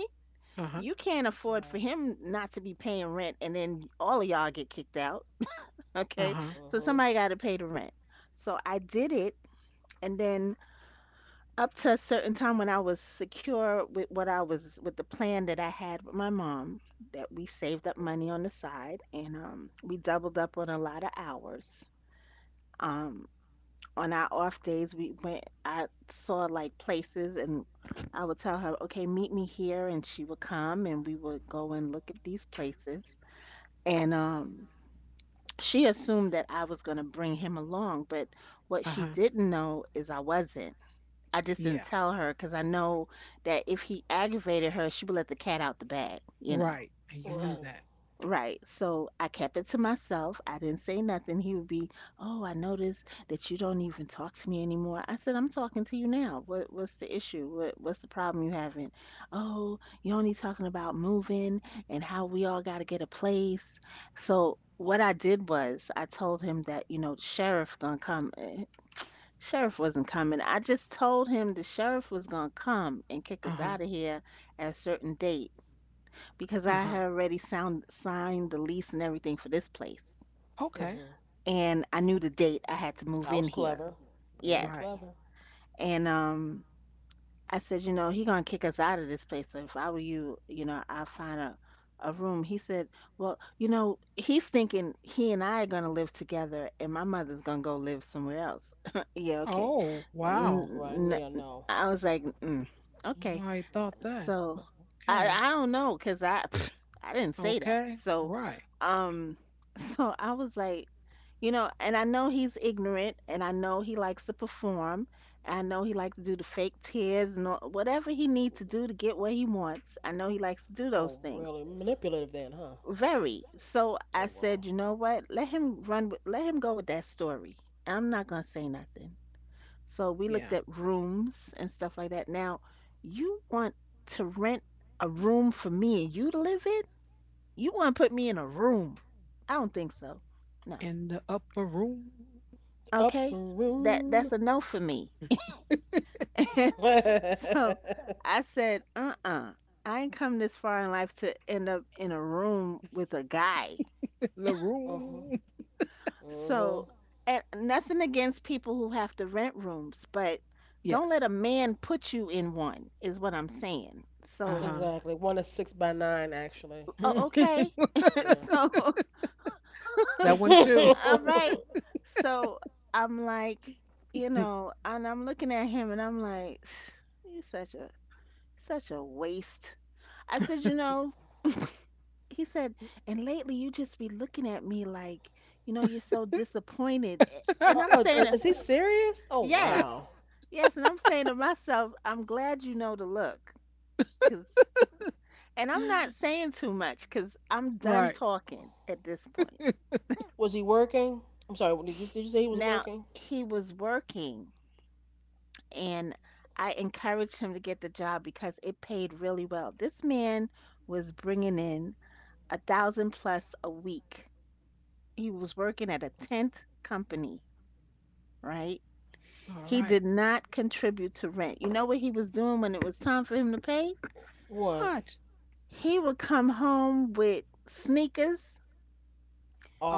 Speaker 1: Uh-huh.
Speaker 3: You
Speaker 2: Right.
Speaker 3: can't afford for him not to be paying rent and then all of y'all get kicked out, [laughs] okay?
Speaker 2: Mhm.
Speaker 1: Uh-huh.
Speaker 3: So somebody got to pay the rent. So I did it. And then up to a certain time when I was secure with what I was, with the plan that I had with my mom, that we saved up
Speaker 2: Mhm.
Speaker 3: money on the side, and we doubled up on a lot of hours. Um, on our off days, we went, I saw like places, and I would tell her, okay, meet me here. And she would come, and we would go and look at these places. And she assumed that I was going to bring him along. But what she
Speaker 1: Uh-huh.
Speaker 3: didn't know is I wasn't. I just didn't
Speaker 1: Yeah.
Speaker 3: tell her because I know that if he aggravated her, she would let the cat out the bag, you know.
Speaker 1: Right. And you knew
Speaker 2: Right.
Speaker 1: that.
Speaker 3: Right. So I kept it to myself. I didn't say nothing. He would be, oh, I noticed that you don't even talk to me anymore. I said, I'm talking to you now. What's the issue? What's the problem you having? Oh, you're only talking about moving and how we all gotta get a place. So what I did was I told him that, you know, the sheriff gonna come. Sheriff wasn't coming. I just told him the sheriff was gonna come and kick us out
Speaker 1: Uh-huh.
Speaker 3: of here at a certain date because I
Speaker 1: Uh-huh.
Speaker 3: had already signed the lease and everything for this place,
Speaker 2: Mhm.
Speaker 1: Okay.
Speaker 3: and I knew the date I had to
Speaker 2: That
Speaker 3: move
Speaker 2: was
Speaker 3: in here.
Speaker 2: clever. Very
Speaker 1: Right.
Speaker 3: Yes,
Speaker 2: clever.
Speaker 3: and I said, you know, he gonna kick us out of this place. So if I were you, you know, I'll find a room. He said, well, you know, he's thinking he and I are gonna live together, and my mother's gonna go live somewhere else. [laughs] Yeah, okay.
Speaker 1: Oh, wow.
Speaker 2: Right
Speaker 3: N-
Speaker 2: now,
Speaker 3: n-
Speaker 2: no.
Speaker 3: I was like, mm,
Speaker 1: Don't
Speaker 3: okay.
Speaker 1: know how you thought
Speaker 2: Mm-mm.
Speaker 1: that,
Speaker 3: So
Speaker 1: but
Speaker 3: I
Speaker 1: okay.
Speaker 3: I don't know because I [sniffs] I didn't say that.
Speaker 1: Okay.
Speaker 3: So
Speaker 1: Right.
Speaker 3: um [laughs] so I was like, you know, and I know he's ignorant and I know he likes to perform, and I know he likes to do the fake tears and all- whatever he needs to do to get what he wants. I know he likes to do those
Speaker 2: Oh,
Speaker 3: things.
Speaker 2: really? Manipulative then, huh?
Speaker 3: Very. So I
Speaker 2: Oh wow.
Speaker 3: said, you know what? Let him run with, let him go with that story. I'm not gonna say nothing. So we looked
Speaker 1: Yeah.
Speaker 3: at rooms and stuff like that. Now, you want to rent a room for me and you to live in? You want to put me in a room? I don't think so. No.
Speaker 1: In the upper room.
Speaker 2: Upper
Speaker 3: Okay. That
Speaker 2: room.
Speaker 3: that's a no for me. [laughs]
Speaker 1: [laughs]
Speaker 3: And
Speaker 2: [laughs]
Speaker 3: so
Speaker 2: Mhm.
Speaker 3: I said, "Uh-uh. I ain't come this far in life to end up in a room with a guy."
Speaker 1: the room.
Speaker 3: So,
Speaker 2: Mhm.
Speaker 3: and nothing against people who have to rent rooms, but don't let a
Speaker 1: Yes.
Speaker 3: man put you in one, is what I'm saying.
Speaker 1: Uh
Speaker 3: So,
Speaker 1: huh.
Speaker 2: Exactly. One is six by nine, actually. Yeah.
Speaker 3: oh,
Speaker 1: [laughs]
Speaker 3: okay. [laughs]
Speaker 2: Yeah.
Speaker 3: So, [laughs] all
Speaker 2: [laughs]
Speaker 1: that one too.
Speaker 3: right.
Speaker 2: uh,
Speaker 3: So I'm like, you know, and I'm looking at him and I'm like, [sighs] you such a waste. I said, you know, he said, and lately you just be looking at me like, you know, you're so disappointed. And
Speaker 1: [laughs]
Speaker 3: I'm
Speaker 2: uh,
Speaker 3: saying,
Speaker 2: is he serious? Oh
Speaker 3: yes,
Speaker 2: wow.
Speaker 3: yes, and I'm saying to myself, I'm glad you know the look, cause, and I'm not saying too much, because 'cause I'm done
Speaker 1: right.
Speaker 3: talking at this point.
Speaker 2: Was he working? I'm sorry. Did you say he was
Speaker 3: Now
Speaker 2: working?
Speaker 3: he was working, and I encouraged him to get the job because it paid really well. This man was bringing in 1,000 plus a week. He was working at a tent company, right?
Speaker 1: All
Speaker 3: He
Speaker 1: right.
Speaker 3: did not contribute to rent. You know what he was doing when it was time for him to pay?
Speaker 2: What?
Speaker 1: What?
Speaker 3: He would come home with sneakers.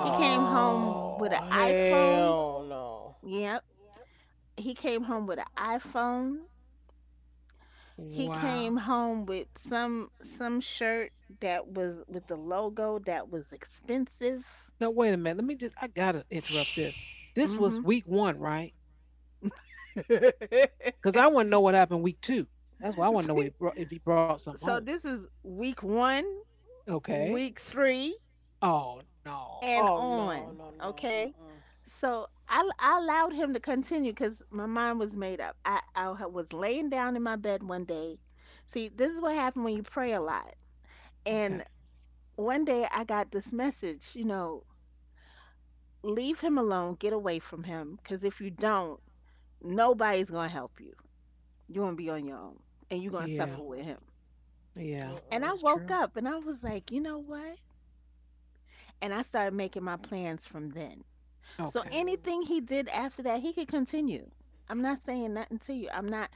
Speaker 3: He came home with an iPhone.
Speaker 2: hell no.
Speaker 3: Yep. He came home with an iPhone. He came
Speaker 1: wow.
Speaker 3: home with some shirt that was with the logo that was expensive.
Speaker 1: Now, wait a minute. I gotta interrupt this.
Speaker 2: [sighs]
Speaker 1: This was
Speaker 3: Hmm.
Speaker 1: week one, right?
Speaker 3: [laughs]
Speaker 1: Because I want to know what happened week two. That's why I want to know if he brought something home.
Speaker 3: So this is week one,
Speaker 1: Okay.
Speaker 3: week three,
Speaker 1: Oh, no.
Speaker 3: and
Speaker 2: Oh no
Speaker 3: on.
Speaker 2: no no.
Speaker 3: Okay,
Speaker 2: Mm
Speaker 3: so I allowed him to continue because my mind was made up. I was laying down in my bed one day. See, this is what happened when you pray a lot.
Speaker 1: Okay.
Speaker 3: And one day I got this message, you know, leave him alone, get away from him, because if you don't, nobody's gonna help you. You're gonna be on your own and you're gonna
Speaker 1: Yeah.
Speaker 3: suffer with
Speaker 2: mm.
Speaker 3: him.
Speaker 1: Yeah.
Speaker 2: Mm
Speaker 3: And
Speaker 1: That's
Speaker 3: I
Speaker 2: mm.
Speaker 1: true.
Speaker 3: woke up and I was like, you know what? And I started making my plans from then. So
Speaker 1: Okay.
Speaker 2: Mm
Speaker 3: anything he did after that, he could continue. I'm not saying nothing to you. I'm not.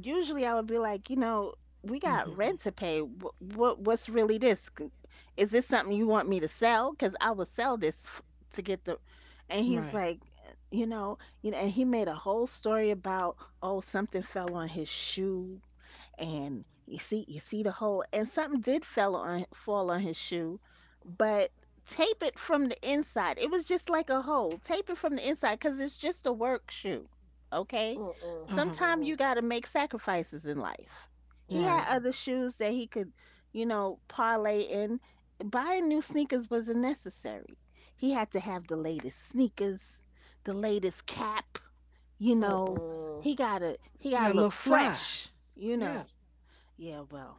Speaker 3: Usually, I would be like, you know, we got
Speaker 1: Hmm.
Speaker 3: rent to pay. What's really this? C- Is this something you want me to sell? Because I will sell this f- to get the. And he's
Speaker 1: Right.
Speaker 3: like, you know, and he made a whole story about, oh, something fell on his shoe, and you see, the hole, and something did fell on fall on his shoe, but tape it from the inside. It was just like a hole. Tape it from the inside, because it's just a work shoe. Okay,
Speaker 2: mm. Mm mm.
Speaker 1: Uh-huh.
Speaker 3: sometimes you got to make sacrifices in life. He had,
Speaker 1: Right.
Speaker 3: mhm, other shoes that he could, you know, parlay in. Buying new sneakers wasn't necessary. He had to have the latest sneakers, the latest cap, you
Speaker 2: Mm mm.
Speaker 3: know.
Speaker 2: Mm
Speaker 3: he gotta he
Speaker 1: You
Speaker 3: gotta
Speaker 1: got a little
Speaker 3: look
Speaker 1: fly.
Speaker 3: fresh, you
Speaker 1: Yeah.
Speaker 3: know. Yeah, well,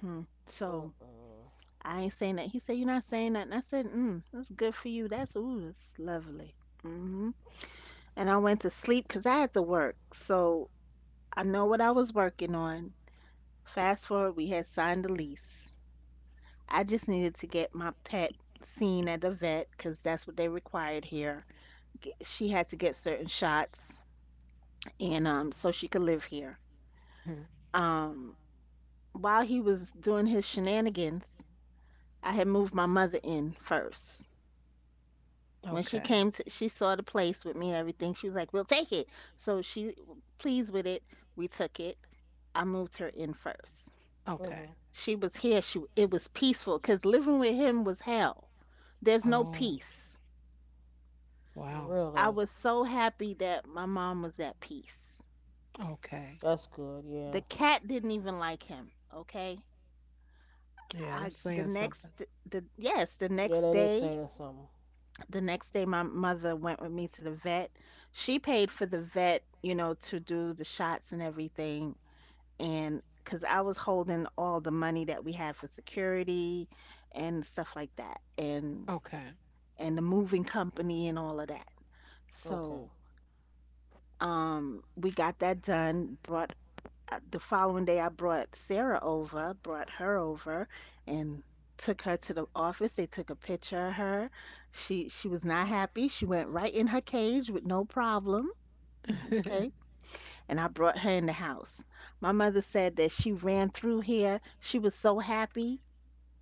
Speaker 3: hmm, so
Speaker 2: mm.
Speaker 3: I ain't saying that. He said, "You're not saying that." And I said, mm, "That's good for you. That's, ooh, that's lovely." Hmm. And I went to sleep because I had to work. So I know what I was working on. Fast forward, we had signed the lease. I just needed to get my pet seen at the vet, because that's what they required here. G- She had to get certain shots and so she could live here.
Speaker 1: Mhm.
Speaker 3: Um, while he was doing his shenanigans, I had moved my mother in first. When she
Speaker 1: Okay.
Speaker 3: came to, she saw the place with me and everything. She was like, "We'll take it." So she pleased with it. We took it. I moved her in first.
Speaker 2: Mm mm.
Speaker 1: Okay.
Speaker 3: She was here. She, it was peaceful, because living with him was hell. There's no
Speaker 1: Oh,
Speaker 3: peace.
Speaker 1: wow.
Speaker 3: I
Speaker 2: Really?
Speaker 3: was so happy that my mom was at peace.
Speaker 1: Okay.
Speaker 2: That's good.
Speaker 3: The
Speaker 2: Yeah.
Speaker 3: cat didn't even like him. Okay.
Speaker 1: Yeah, that's
Speaker 3: I
Speaker 1: saying
Speaker 3: the next
Speaker 1: something.
Speaker 3: the yes The
Speaker 2: Yeah,
Speaker 3: next
Speaker 2: that is
Speaker 3: day,
Speaker 2: saying something.
Speaker 3: my mother went with me to the vet. She paid for the vet, you know, to do the shots and everything, and because I was holding all the money that we had for security and stuff like that,
Speaker 1: Okay.
Speaker 3: and the moving company and all of that,
Speaker 2: Okay.
Speaker 3: so, um, we got that done. Brought The following day, I brought Sarah over, brought her over, and took her to the office. They took a picture of her. She was not happy. She went right in her cage with no problem. Okay.
Speaker 1: [laughs]
Speaker 3: And I brought her in the house. My mother said that she ran through here. She was so happy.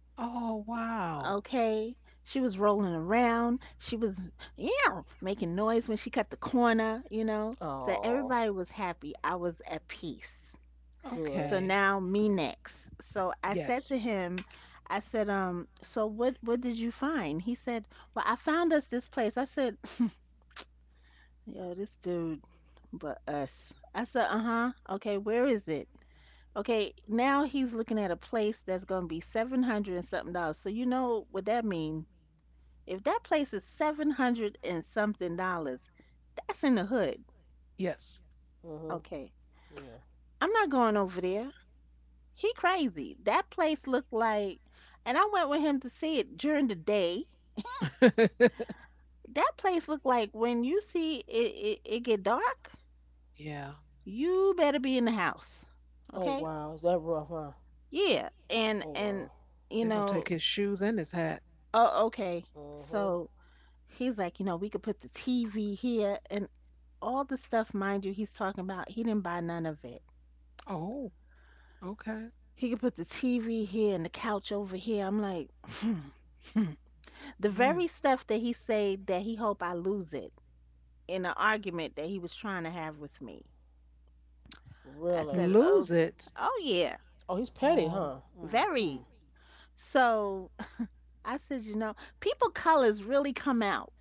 Speaker 1: oh, wow.
Speaker 3: Okay. She was rolling around. She was, yeah, making noise when she cut the corner, you know. So
Speaker 2: Oh,
Speaker 3: everybody was happy. I was at peace.
Speaker 2: good.
Speaker 3: So
Speaker 1: Okay.
Speaker 3: now me next. So I
Speaker 1: Yes.
Speaker 3: said to him, I said, so what did you find? He said, "Well, I found us this place." I said, "Yo, this dude, but us." I said, "Uh-huh. Okay, where is it?" Okay, now he's looking at a place that's gonna be 700 and something dollars. So you know what that mean? If that place is 700 and something dollars, that's in the hood.
Speaker 1: Yes.
Speaker 2: Mhm.
Speaker 3: Okay.
Speaker 2: Yeah.
Speaker 3: I'm not going over there. He crazy. That place looked like, and I went with him to see it during the day.
Speaker 1: [laughs]
Speaker 3: That place looked like, when you see it, it get dark,
Speaker 1: yeah.
Speaker 3: you better be in the house.
Speaker 2: Oh
Speaker 3: Okay?
Speaker 2: wow, is that rough, huh?
Speaker 3: Yeah.
Speaker 2: Oh
Speaker 3: And
Speaker 2: wow.
Speaker 1: They're
Speaker 3: you
Speaker 1: going to take
Speaker 3: know,
Speaker 1: his shoes and his hat.
Speaker 3: oh, okay.
Speaker 2: Mhm.
Speaker 3: So he's like, you know, we could put the TV here and all the stuff, mind you, he's talking about. He didn't buy none of it.
Speaker 1: Oh, okay.
Speaker 3: He could put the TV here and the couch over here. I'm like, [laughs] the
Speaker 1: Mm.
Speaker 3: very stuff that he say that he hope I lose it, in an argument that he was trying to have with me. I
Speaker 2: Really?
Speaker 3: said, "Oh,
Speaker 1: Lose it.
Speaker 3: oh yeah,
Speaker 2: Oh, he's petty,
Speaker 1: Oh,
Speaker 2: huh? Hmm.
Speaker 3: very." So, [laughs] I said, "You know, people colors really come out,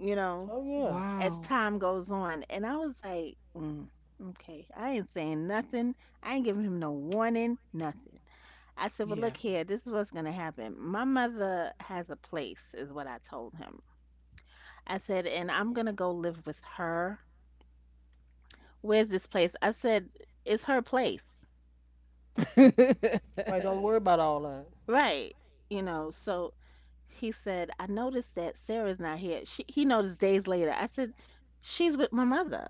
Speaker 3: you know,
Speaker 2: Oh yeah.
Speaker 3: as
Speaker 1: wow.
Speaker 3: time goes on." And I was like, mm, "Okay, I ain't saying nothing. I ain't giving him no warning, nothing." I said, "Well,
Speaker 1: Yeah.
Speaker 3: look here. This is what's gonna happen. My mother has a place," is what I told him. I said, "And I'm gonna go live with her." "Where's this place?" I said, "It's her place."
Speaker 1: [laughs]
Speaker 2: Right. Don't worry about all that.
Speaker 3: Right. You know, so he said, "I noticed that Sarah's not here." She, he noticed days later. I said, "She's with my mother."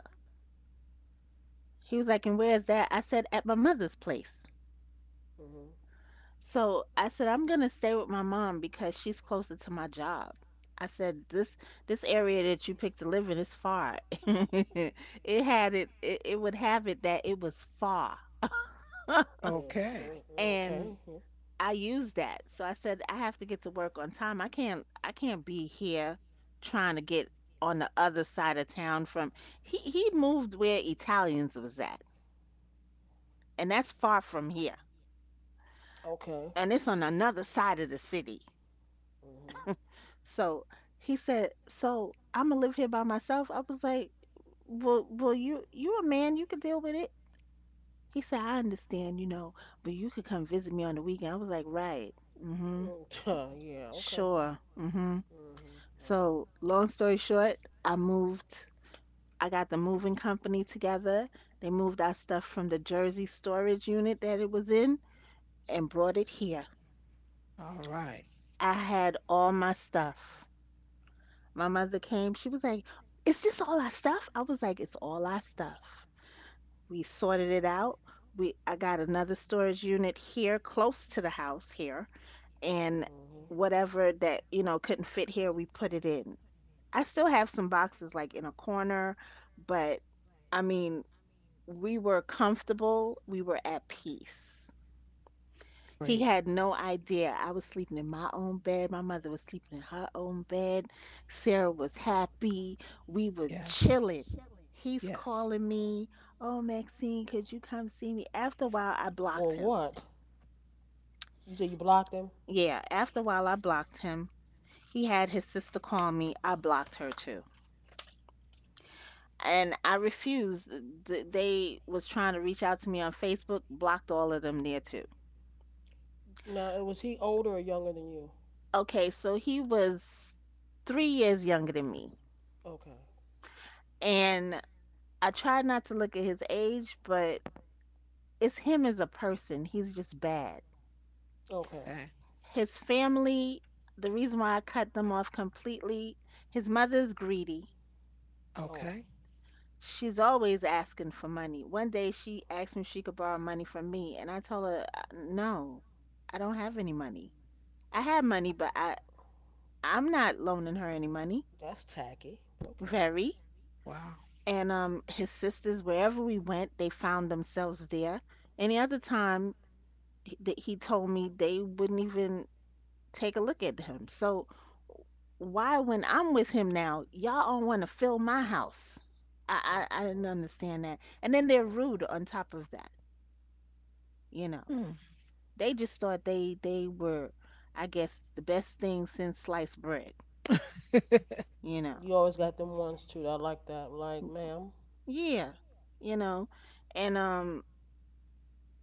Speaker 3: He was like, "And where's that?" I said, "At my mother's place."
Speaker 2: Mhm.
Speaker 3: So I said, "I'm going to stay with my mom because she's closer to my job." I said, "This area that you picked to live in is far." [laughs] It had it, it would have it that it was far. [laughs]
Speaker 2: Mhm.
Speaker 1: okay.
Speaker 2: Mhm.
Speaker 3: And
Speaker 2: Okay. Yeah.
Speaker 3: I used that. So I said I have to get to work on time. I can't be here trying to get on the other side of town from, he moved where Italians was at. And that's far from here.
Speaker 2: Okay.
Speaker 3: And it's on another side of the city.
Speaker 2: Mhm.
Speaker 3: So he said, "So I'm gonna live here by myself." I was like, "Well, you a man, you could deal with it." He said, "I understand, you know, but you could come visit me on the weekend." I was like, "Right. Mm. Mhm.
Speaker 2: Mm, [laughs] yeah. Okay.
Speaker 3: Sure. Mm-hmm."
Speaker 2: Mhm. Right.
Speaker 3: So, long story short, I moved. I got the moving company together. They moved our stuff from the Jersey storage unit that it was in and brought it here.
Speaker 1: All right.
Speaker 3: I had all my stuff. My mother came, she was like, "Is this all our stuff?" I was like, "It's all our stuff." We sorted it out. We I got another storage unit here close to the house here, and
Speaker 2: Mhm.
Speaker 3: whatever that, you know, couldn't fit here, we put it in. I still have some boxes like in a corner, but, I mean, we were comfortable, we were at peace. He
Speaker 1: Great.
Speaker 3: had no idea. I was sleeping in my own bed. My mother was sleeping in her own bed. Sarah was happy. We were
Speaker 1: Yes.
Speaker 3: chilling. He's
Speaker 1: Yes.
Speaker 3: calling me, "Oh,
Speaker 2: in
Speaker 3: Maxine, could you come see me?" After a while, I
Speaker 2: Well,
Speaker 3: blocked him.
Speaker 2: what? You said you blocked him?
Speaker 3: Yeah, after a while, I blocked him. He had his sister call me. I blocked her too, and I refused. Th- They was trying to reach out to me on Facebook, blocked all of them there too.
Speaker 2: Now, was he older or younger than you?
Speaker 3: Okay, so he was 3 years younger than me,
Speaker 2: Okay.
Speaker 3: and I tried not to look at his age, but it's him as a person. He's just bad.
Speaker 2: Okay.
Speaker 1: Okay.
Speaker 3: His family, the reason why I cut them off completely, his mother's greedy.
Speaker 2: Oh,
Speaker 1: Okay.
Speaker 3: She's always asking for money. One day she asked me if she could borrow money from me, and I told her, no, I don't have any money. I had money, but I'm not loaning her any money."
Speaker 2: that's tacky. Okay.
Speaker 3: Very.
Speaker 1: Wow.
Speaker 3: And um, his sisters, wherever we went, they found themselves there. Any other time he, that he told me, they wouldn't even take a look at him. So why when I'm with him now, y'all don't want to fill my house? I didn't
Speaker 2: Mm-mm,
Speaker 3: understand that. And then they're rude
Speaker 2: mm-mm.
Speaker 3: on top of that. You know,
Speaker 1: Mm.
Speaker 3: they just thought they were, I guess, the best thing since sliced bread.
Speaker 1: [laughs]
Speaker 3: You know.
Speaker 2: You always got them ones too. I like that. Like, ma'am.
Speaker 3: Yeah, you know, and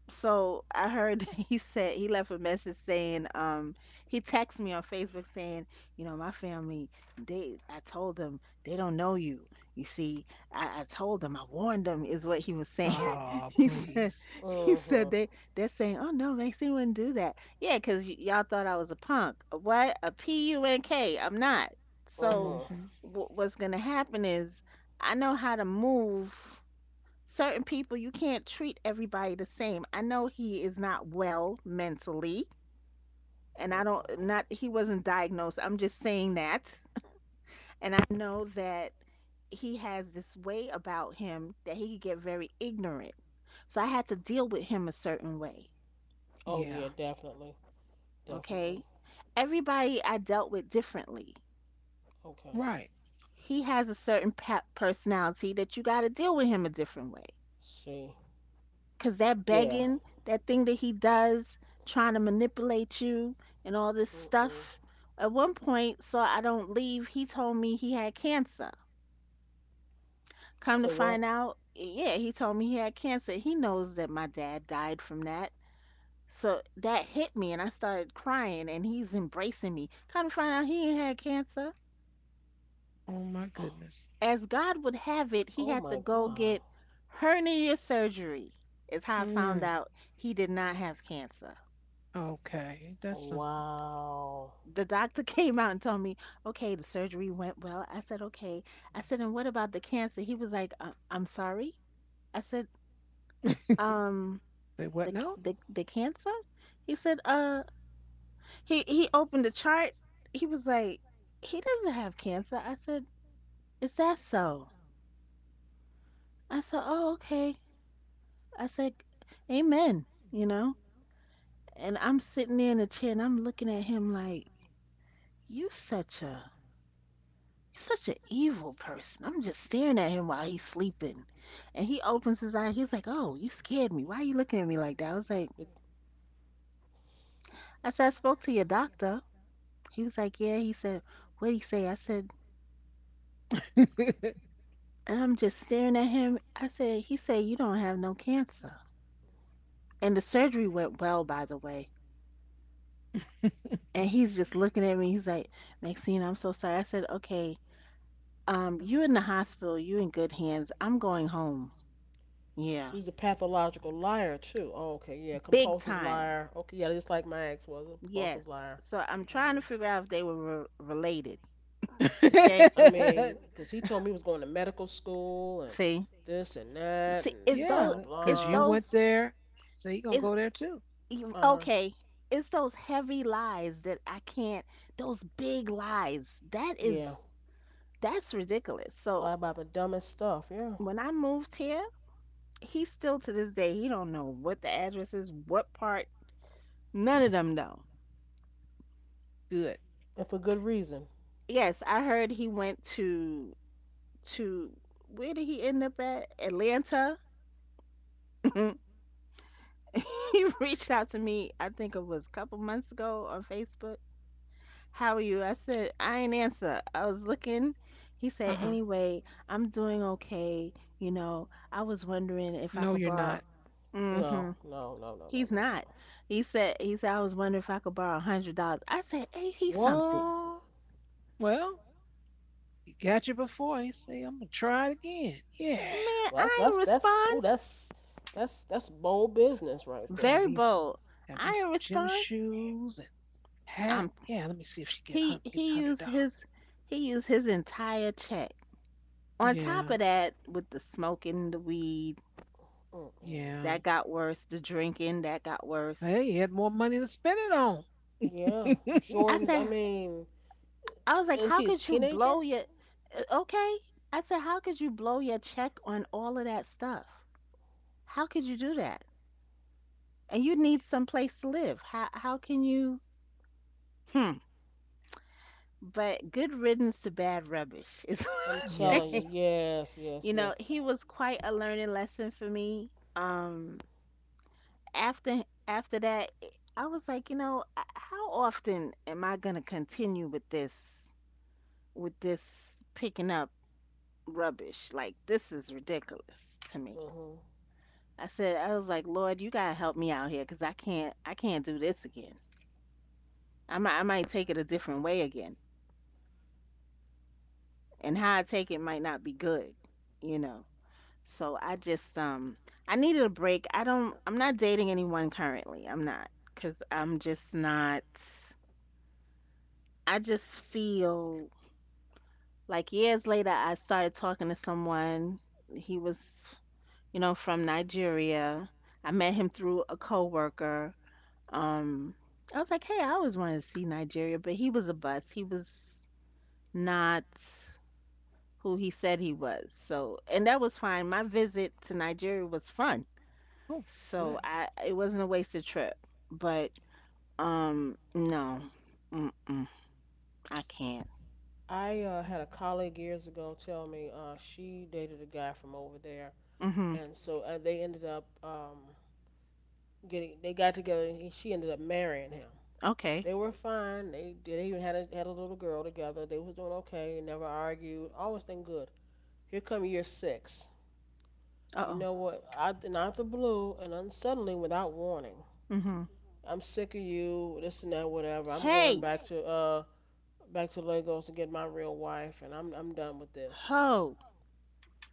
Speaker 3: so I heard [laughs] that he said he left a message saying, he texted me on Facebook saying, you know, "My family, they, I told them they don't know you. You see, I told them, I warned them," is what he was saying. [laughs]
Speaker 1: oh,
Speaker 3: He said,
Speaker 1: please.
Speaker 2: Mm-hmm.
Speaker 3: they, they're saying, "Oh no, Maxie wouldn't do that." Yeah, 'cause y'all thought I was a punk. A what? A punk. I'm not. So,
Speaker 2: Mm-mm.
Speaker 1: Hmm.
Speaker 3: w what's gonna happen is, I know how to move certain people. You can't treat everybody the same. I know he is not well mentally, and I don't,
Speaker 2: Mm.
Speaker 3: not he wasn't diagnosed, I'm just saying that, and I know that he has this way about him that he could get very ignorant, so I had to deal with him a certain way.
Speaker 2: Oh
Speaker 1: Yeah.
Speaker 2: yeah, definitely. Definitely.
Speaker 3: Okay, everybody I dealt with differently.
Speaker 2: Okay.
Speaker 1: Right.
Speaker 3: He has a certain pa- personality that you got to deal with him a different way.
Speaker 2: See.
Speaker 3: Cause that
Speaker 2: Yeah.
Speaker 3: begging, that thing that he does, trying to manipulate you and all this
Speaker 2: Mm-mm.
Speaker 3: stuff. At one point, so I don't leave, he told me he had cancer.
Speaker 2: Say
Speaker 3: Come to
Speaker 2: what?
Speaker 3: find out, yeah, he told me he had cancer. He knows that my dad died from that. So that hit me and I started crying and he's embracing me. Come to find out he ain't had cancer.
Speaker 1: Oh my goodness.
Speaker 3: As God would have it, he
Speaker 2: Oh
Speaker 3: had to
Speaker 2: my
Speaker 3: go
Speaker 2: God.
Speaker 3: get hernia surgery. Is how I found
Speaker 1: Mm.
Speaker 3: out he did not have cancer.
Speaker 1: Okay. That's something.
Speaker 2: Wow.
Speaker 3: The doctor [laughs] came out and told me, okay, the surgery went well. I said, okay. I said, and what about the cancer? He was like, I'm
Speaker 2: It,
Speaker 3: sorry. I said, um,
Speaker 1: Say
Speaker 3: the
Speaker 1: what
Speaker 3: c-
Speaker 1: now?
Speaker 3: the cancer? He said, he opened the chart. He was like, he doesn't have cancer. I said, is that so? I said, oh, okay. I said, amen. You know. And I'm sitting there in the chair and I'm looking at him
Speaker 2: she
Speaker 3: like, you such a He's such an evil person. I'm just staring at him while he's sleeping. And he opens his eye. He's like, oh, you scared me. Why are you looking at me like that? I was like,
Speaker 2: was It, like,
Speaker 3: I said, I spoke to your doctor. He was like, yeah. He said, what'd he say? I said,
Speaker 1: [laughs]
Speaker 3: and I'm just staring at him. I said, he said, you don't have no cancer. And the surgery went well, by the way. And he's just looking at me. He's like, Maxine, I'm so sorry. I said, okay, you in the hospital. You in good hands. I'm going home. Yeah.
Speaker 2: She's a pathological liar too. Oh, okay, yeah,
Speaker 3: Big
Speaker 2: compulsive
Speaker 3: time.
Speaker 2: liar. Okay, yeah, just like my ex was a compulsive
Speaker 3: Yes.
Speaker 2: liar.
Speaker 3: So I'm
Speaker 2: so I'm
Speaker 3: trying to
Speaker 2: hmm
Speaker 3: figure
Speaker 2: trying to
Speaker 3: out if
Speaker 2: figure
Speaker 3: they
Speaker 2: out
Speaker 3: were related. Okay.
Speaker 2: if they were, wrong. [laughs] Because he told me he was going to medical school and
Speaker 3: See,
Speaker 2: see, this and that
Speaker 3: see, it's
Speaker 2: and blah
Speaker 1: yeah,
Speaker 3: those,
Speaker 2: blah
Speaker 1: because
Speaker 3: it's
Speaker 1: you
Speaker 2: blah.
Speaker 3: those,
Speaker 1: went there. So you gonna
Speaker 3: it's
Speaker 1: go there too.
Speaker 3: you-
Speaker 2: Uh huh.
Speaker 3: okay. It's those heavy lies that I can't. Those big lies. That
Speaker 2: Yeah.
Speaker 3: is, that's ridiculous. So
Speaker 2: Lie about the dumbest stuff, yeah.
Speaker 3: when I moved here, he still to this day he don't know what the address is, what part. None of them know.
Speaker 1: Good.
Speaker 2: And for good reason.
Speaker 3: Yes, I heard he went to to where did he end up at? Atlanta. [laughs] [laughs] He reached out to me, I think it was a couple months ago on Facebook. How are you? I said, I ain't answer. I was looking. He
Speaker 1: Uh
Speaker 3: said,
Speaker 1: huh.
Speaker 3: anyway, I'm doing okay. You know, I was wondering if I
Speaker 1: No,
Speaker 3: could
Speaker 1: you're
Speaker 3: borrow.
Speaker 1: not.
Speaker 2: No,
Speaker 3: hmm
Speaker 2: no, no, no, no,
Speaker 3: He's
Speaker 2: no, no,
Speaker 3: not.
Speaker 2: no.
Speaker 3: He said, I was wondering if I could borrow $100. I said, hey, he's something.
Speaker 2: What?
Speaker 1: Well, you got you before. You say, I'm gonna try it again. Yeah.
Speaker 3: Man,
Speaker 2: Well, that's
Speaker 3: I
Speaker 2: that's
Speaker 3: ain't
Speaker 2: that's ooh,
Speaker 3: respond.
Speaker 2: that's bold business right
Speaker 1: Got
Speaker 2: there.
Speaker 3: Very
Speaker 1: me some
Speaker 3: bold.
Speaker 1: got me
Speaker 3: I
Speaker 1: some
Speaker 3: ain't
Speaker 1: gym
Speaker 3: respond.
Speaker 1: shoes and hat.
Speaker 3: I'm
Speaker 1: Yeah, let me see if she
Speaker 3: he
Speaker 1: get
Speaker 3: he
Speaker 1: hundred
Speaker 3: used
Speaker 1: dollars.
Speaker 3: his he used his entire check. On top
Speaker 1: Yeah,
Speaker 3: of that, with the smoking, the weed,
Speaker 2: Mm-mm.
Speaker 1: yeah.
Speaker 3: that got worse, the drinking, that got
Speaker 1: Hey,
Speaker 3: worse.
Speaker 1: you had more money to spend it on.
Speaker 2: Yeah,
Speaker 3: I
Speaker 2: Jordan's. I
Speaker 3: said,
Speaker 2: mean,
Speaker 3: I was like,
Speaker 2: is
Speaker 3: how
Speaker 2: he a
Speaker 3: could you
Speaker 2: teenager?
Speaker 3: blow your okay? I said, how could you blow your check on all of that stuff? How could you do that? And you need some place to live. How can you, hmm. But good riddance to bad rubbish is [laughs] what
Speaker 2: I'm
Speaker 3: I
Speaker 2: telling
Speaker 3: say.
Speaker 2: you,
Speaker 1: Yes.
Speaker 2: yes, yes,
Speaker 3: You know,
Speaker 2: yes.
Speaker 3: he was quite a learning lesson for me. After that, I was like, you know, how often am I gonna continue with this picking up rubbish? Like this is ridiculous to me.
Speaker 2: Hmm.
Speaker 3: I was like, Lord, you gotta help me out here, 'cause I can't do this again. I might take it a different way again, and how I take it might not be good, you know. So I just I needed a break. I'm not dating anyone currently. I'm not, 'cause I'm just not. I just feel like years later I started talking to someone. He was, you know, from Nigeria. I met him through a coworker. um I was like, hey, I always wanted to see Nigeria, but he was a bust. He was not who he said he was, so and that was fine. My visit to Nigeria was fun,
Speaker 1: Oh,
Speaker 3: so
Speaker 1: good.
Speaker 3: I it wasn't a wasted trip. But no. Mm-mm, I can't.
Speaker 2: I had a colleague years ago tell me, she dated a guy from over there,
Speaker 3: Mm-hmm.
Speaker 2: and so they ended up, getting. They got together, and she ended up marrying him.
Speaker 3: Okay.
Speaker 2: They were fine. They even had a little girl together. They was doing okay. Never argued. Always been good. Here come year six. You
Speaker 3: Uh-oh.
Speaker 2: know what? I not the blue and then suddenly without warning.
Speaker 3: Mm-hmm.
Speaker 2: I'm sick of you. This and that. Whatever. I'm going
Speaker 3: Hey.
Speaker 2: back to Lagos to get my real wife, and I'm done with this.
Speaker 3: Ho.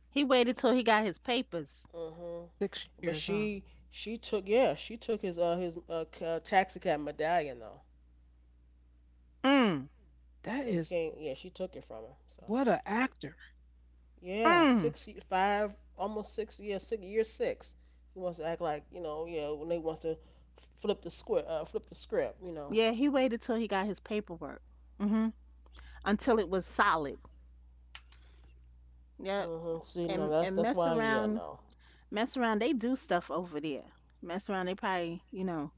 Speaker 3: He waited till he got his papers.
Speaker 2: Mhm.
Speaker 1: Six
Speaker 2: But
Speaker 1: years, on. Huh?
Speaker 2: she took, yeah, she took his taxi cab medallion though.
Speaker 3: Mm.
Speaker 1: That
Speaker 2: So he
Speaker 1: is
Speaker 2: can't yeah, she took it from him. So
Speaker 1: what a actor.
Speaker 2: yeah,
Speaker 3: Mm.
Speaker 2: six, five, almost six. Yeah, six year six. He wants to act like you know. Yeah, when they wants to flip the script. You know.
Speaker 3: Yeah, he waited till he got his paperwork. Mm hmm Until it was solid. Yep.
Speaker 2: Mhm. See, no,
Speaker 3: And
Speaker 2: that's that's why. Yeah, no.
Speaker 3: mess around. They do stuff over there. Mess around. They probably, you know,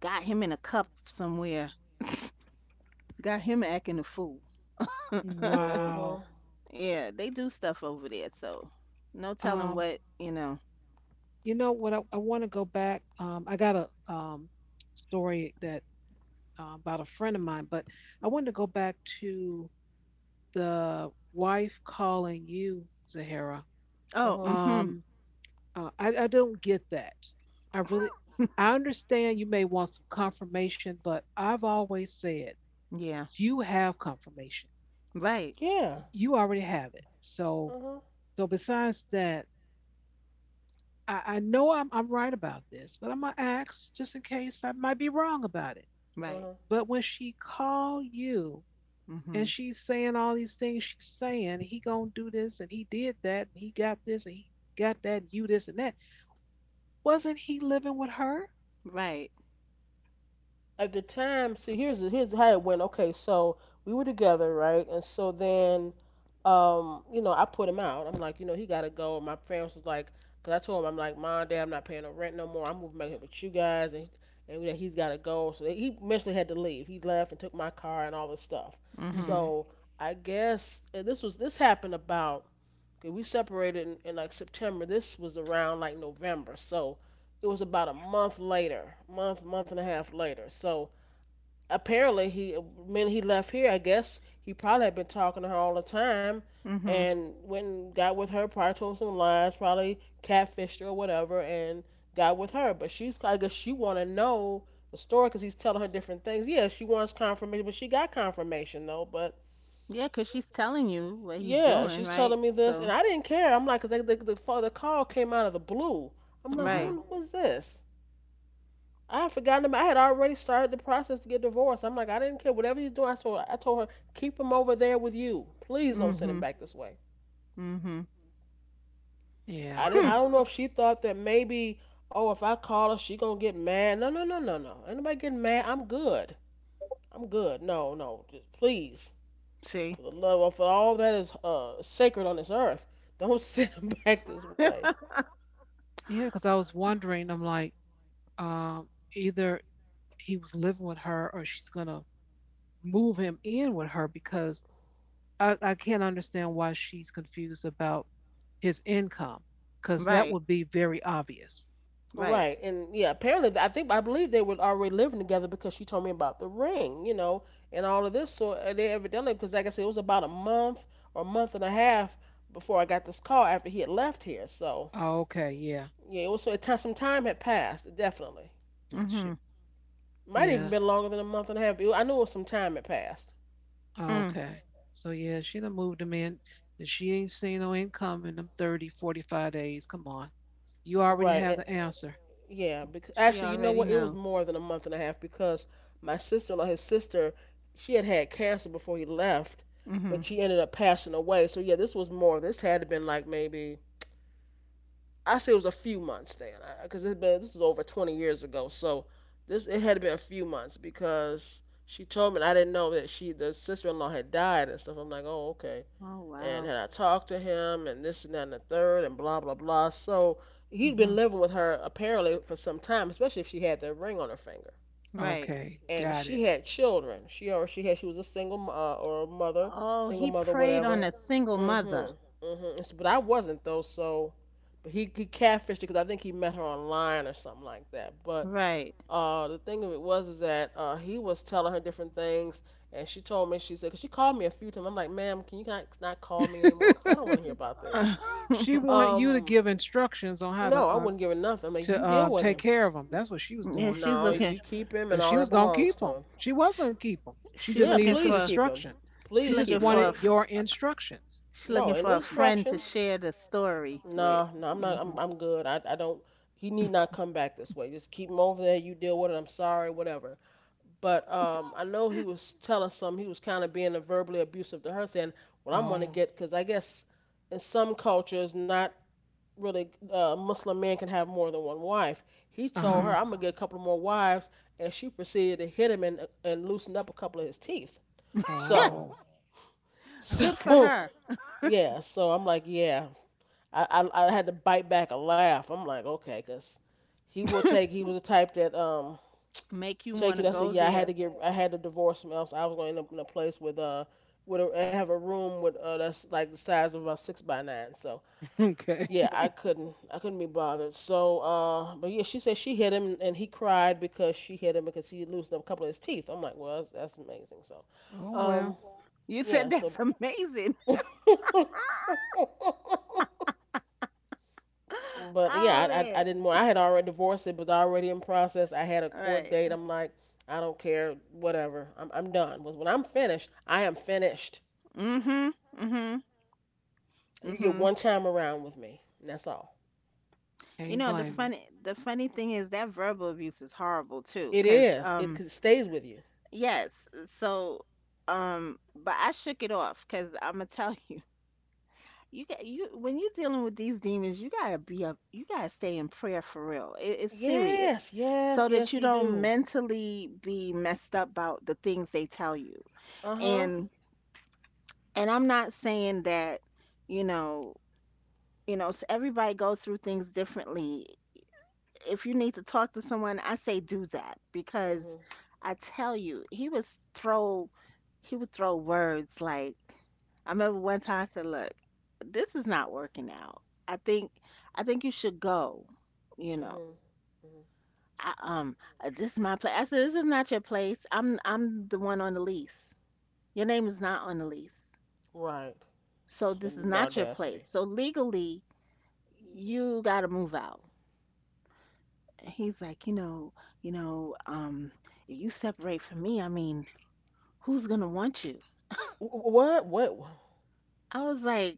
Speaker 3: got him in a cup somewhere. Got him acting a fool. [laughs]
Speaker 2: Mhm.
Speaker 1: Wow.
Speaker 3: Yeah, they do stuff over there. So no telling
Speaker 1: Um,
Speaker 3: what, you know.
Speaker 1: you know what? I want to go back. I got a story that about a friend of mine, but I wanted to go back to the wife calling you, Zahara,
Speaker 3: Oh.
Speaker 2: Mhm.
Speaker 3: mm Hmm.
Speaker 1: um, I don't get that. I really,
Speaker 3: [laughs]
Speaker 1: I understand you may want some confirmation, but I've always said
Speaker 3: Yeah.
Speaker 1: you have confirmation.
Speaker 3: Right.
Speaker 2: Yeah.
Speaker 1: You already have it. So,
Speaker 2: Mhm.
Speaker 1: besides that, I know I'm right about this, but I'm gonna ask just in case I might be wrong about it.
Speaker 3: Right.
Speaker 2: Mhm.
Speaker 1: But when she called you,
Speaker 3: mm hmm
Speaker 1: and she's saying all these things she's saying he gonna do this and he did that and he got this and he got that you this and that wasn't he living with her?
Speaker 3: Right.
Speaker 2: At the time, see, here's how it went. Okay, so we were together, right? And so then, I put him out. I'm like, he gotta go. And my parents was like, cause I told him, I'm like, mom, dad, I'm not paying no rent no more. I'm moving back here with you guys, and that he's gotta go. So he eventually had to leave. He left and took my car and all this stuff.
Speaker 3: mm hmm
Speaker 1: Mm-hmm.
Speaker 2: So I guess, and this happened about. Okay, we separated in like September. This was around like November, so it was about a month later, month, and a half later. So apparently, he when he left here, I guess he probably had been talking to her all the time,
Speaker 3: mm hmm
Speaker 2: and went and got with her. Probably told some lies. Probably catfished her or whatever, and got with her. But she's I guess she want to know the story because he's telling her different things. Yeah, she wants confirmation, but she got confirmation though. But
Speaker 3: Yeah, 'cause she's telling you what he's
Speaker 2: yeah,
Speaker 3: doing,
Speaker 2: she's
Speaker 3: right?
Speaker 2: telling me this, and
Speaker 3: So,
Speaker 2: I didn't care. I'm like, 'cause the call came out of the blue. I'm like,
Speaker 1: Uh-huh.
Speaker 3: right.
Speaker 2: who was this? I had forgotten about. I had already started the process to get divorced. I'm like, I didn't care. Whatever he's doing, I told her, keep him over there with you. Please don't send him
Speaker 3: Mm-hmm.
Speaker 2: back this way.
Speaker 3: Mm-hmm.
Speaker 1: Yeah.
Speaker 2: I didn't.
Speaker 3: Hmm.
Speaker 2: I don't know if she thought that maybe. Oh, if I call her, she gonna get mad. No, no, no, no, no. Ain't nobody getting mad? I'm good. I'm good. No, no. Just please,
Speaker 3: [laughs] See?
Speaker 2: for the love of all that is sacred on this earth, [laughs] don't send him back this way.
Speaker 1: Yeah. Because I was wondering. I'm like, um, either he was living with her, or she's gonna move him in with her because I can't understand why she's confused about his income because that
Speaker 3: Right.
Speaker 1: would be very obvious.
Speaker 3: Right.
Speaker 2: Right, and yeah, apparently I think I believe they were already living together because she told me about the ring, and all of this. So they evidently, because like I said, it was about a month or a month and a half before I got this call after he had left here. So
Speaker 1: Oh, okay. Yeah.
Speaker 2: yeah, it was so it, ti- some time had passed, definitely.
Speaker 3: Mm-hmm.
Speaker 1: She,
Speaker 2: Might even
Speaker 1: yeah.
Speaker 2: been longer than a month and a half. But I knew it was some time had passed.
Speaker 1: Oh,
Speaker 3: Mm.
Speaker 1: okay. So yeah, she done moved them in, and she ain't seen no income in them 30, 45 days. Come on. You already have
Speaker 2: Right.
Speaker 1: the answer.
Speaker 2: Yeah, because
Speaker 3: She
Speaker 2: actually, you know
Speaker 3: already
Speaker 2: what? It was
Speaker 3: know.
Speaker 2: more than a month and a half because my sister-in-law, his sister, she had had cancer before he left,
Speaker 3: Mm-hmm.
Speaker 2: but she ended up passing away. So yeah, this was more. This had to been like maybe, I say it was a few months then, because this is over 20 years ago. So this it had to been a few months because she told me and I didn't know that she the sister-in-law had died and stuff. I'm like, oh okay,
Speaker 3: Oh,
Speaker 2: and
Speaker 3: wow.
Speaker 2: had I talked to him and this and that and the third and blah blah blah. So he'd
Speaker 3: Mm-hmm.
Speaker 2: been living with her apparently for some time, especially if she had that ring on her finger.
Speaker 3: Right.
Speaker 1: Okay,
Speaker 2: And
Speaker 1: got it.
Speaker 2: she had children. She, or she had, she was a single or a mother,
Speaker 3: Oh,
Speaker 2: single
Speaker 3: he
Speaker 2: mother,
Speaker 3: preyed on
Speaker 2: whatever.
Speaker 3: a single mother.
Speaker 2: Mhm, mhm. But I wasn't though. So but he catfished her because I think he met her online or something like that. But
Speaker 3: Right.
Speaker 2: The thing of it was is that he was telling her different things, and she told me she said, 'cause she called me a few times. I'm like, ma'am, can you not, not call me anymore? 'Cause I don't want to hear
Speaker 1: [laughs]
Speaker 2: about
Speaker 3: [laughs]
Speaker 2: this.
Speaker 3: Yeah,
Speaker 1: She want you to
Speaker 2: Um,
Speaker 1: give instructions on how
Speaker 2: no,
Speaker 1: to
Speaker 2: I
Speaker 1: uh,
Speaker 2: wouldn't give her nothing. I'm like,
Speaker 1: to
Speaker 2: you
Speaker 1: uh,
Speaker 2: deal with
Speaker 1: take
Speaker 2: him.
Speaker 1: care of them. That's what she was doing.
Speaker 3: she's
Speaker 2: No,
Speaker 1: Cause,
Speaker 2: you
Speaker 3: looking.
Speaker 2: keep him and
Speaker 1: 'cause
Speaker 2: all
Speaker 1: she
Speaker 2: that
Speaker 1: was gonna
Speaker 2: belongs
Speaker 1: keep
Speaker 2: to
Speaker 1: them.
Speaker 2: him.
Speaker 1: She was gonna keep them. She
Speaker 3: She
Speaker 1: just
Speaker 2: Yeah,
Speaker 1: needed
Speaker 3: looking
Speaker 1: some
Speaker 2: please
Speaker 3: for.
Speaker 2: keep him.
Speaker 1: instruction.
Speaker 3: She
Speaker 1: She
Speaker 2: Please
Speaker 1: just
Speaker 2: keep
Speaker 3: looking
Speaker 2: him.
Speaker 3: for. a
Speaker 1: wanted
Speaker 2: No,
Speaker 3: f-
Speaker 1: your instructions.
Speaker 3: She looking
Speaker 2: no, ain't no
Speaker 3: for a friend to
Speaker 2: instructions.
Speaker 3: share the story with.
Speaker 2: No, no, I'm not.
Speaker 3: Mm-hmm.
Speaker 2: I'm good. I don't. He need not come back this way. Just keep him over there. You deal with it. I'm sorry, whatever. But I know he was telling he was kind of being verbally abusive to her, saying, "Well, I'm gonna
Speaker 1: Oh,
Speaker 2: get," because I guess in some cultures, not really Muslim men can have more than one wife. He
Speaker 1: uh
Speaker 2: told
Speaker 1: huh.
Speaker 2: her,
Speaker 3: Mm-hmm.
Speaker 2: "I'm gonna get a couple more wives," and she proceeded to hit him and loosened up a couple of his teeth.
Speaker 3: [laughs]
Speaker 2: So,
Speaker 1: Oh,
Speaker 3: Good for
Speaker 1: okay,
Speaker 2: so
Speaker 3: her.
Speaker 2: [laughs] yeah, so I'm like, yeah, I I had to bite back a laugh. I'm like, okay, 'cause he will take.
Speaker 3: [laughs]
Speaker 2: He was the type that
Speaker 3: Make you
Speaker 2: Check
Speaker 3: want to
Speaker 2: it. I said,
Speaker 3: go
Speaker 2: yeah,
Speaker 3: there.
Speaker 2: I had to divorce from else. I was gonna end up in a place with I have a room with that's like the size of about six by nine. So
Speaker 1: [laughs] okay.
Speaker 2: yeah, I couldn't be bothered. So but yeah, she said she hit him and he cried because she hit him because he loosened up a couple of his teeth. I'm like, well, that's amazing. So,
Speaker 1: Oh well,
Speaker 2: um,
Speaker 3: You said
Speaker 2: yeah, so.
Speaker 3: that's amazing.
Speaker 2: [laughs]
Speaker 3: [laughs]
Speaker 2: But yeah,
Speaker 3: Oh
Speaker 2: I, I
Speaker 3: man.
Speaker 2: I didn't want. I had already divorced. It was already in process. I had a
Speaker 3: All
Speaker 2: court
Speaker 3: right.
Speaker 2: date. I'm like, I don't care. Whatever. I'm done. Was when I'm finished. I am finished.
Speaker 3: Mhm. Mhm.
Speaker 2: You get
Speaker 3: Mhm.
Speaker 2: one time around with me. And that's all.
Speaker 3: You
Speaker 1: can't
Speaker 3: know the
Speaker 1: blame you.
Speaker 3: funny thing is that verbal abuse is horrible too,
Speaker 2: It
Speaker 3: cuz
Speaker 2: is. It cause it stays with you.
Speaker 3: yes. So but I shook it off, cuz I'm gonna tell [laughs] you. You got you when you're dealing with these demons, you got to be a you got to stay in prayer for real. It, it's serious.
Speaker 2: Yes.
Speaker 3: So
Speaker 2: Yes.
Speaker 3: that
Speaker 2: Yes.
Speaker 3: you
Speaker 2: You
Speaker 3: don't
Speaker 2: do.
Speaker 3: mentally be messed up about the things they tell you.
Speaker 2: Uh huh.
Speaker 3: And. And I'm not saying that, you know, you know, s everybody go through things differently. If you need to talk to someone, I say do that
Speaker 2: Mhm.
Speaker 3: because I tell you, he would throw words like, I remember one time I said, "Look, this is not working out. I think I think you should go." You know,
Speaker 2: Mhm. Mhm.
Speaker 3: I, this is my place. I said, "This is not your place. I'm the one on the lease. Your name is not on the lease,
Speaker 2: Right.
Speaker 3: so
Speaker 2: The
Speaker 3: this is
Speaker 2: the
Speaker 3: not your place.
Speaker 2: audacity.
Speaker 3: So legally, you gotta move out. And he's like, you know, you know, um, if you separate from me, I mean, who's gonna want you?
Speaker 2: What? What?
Speaker 3: I was like,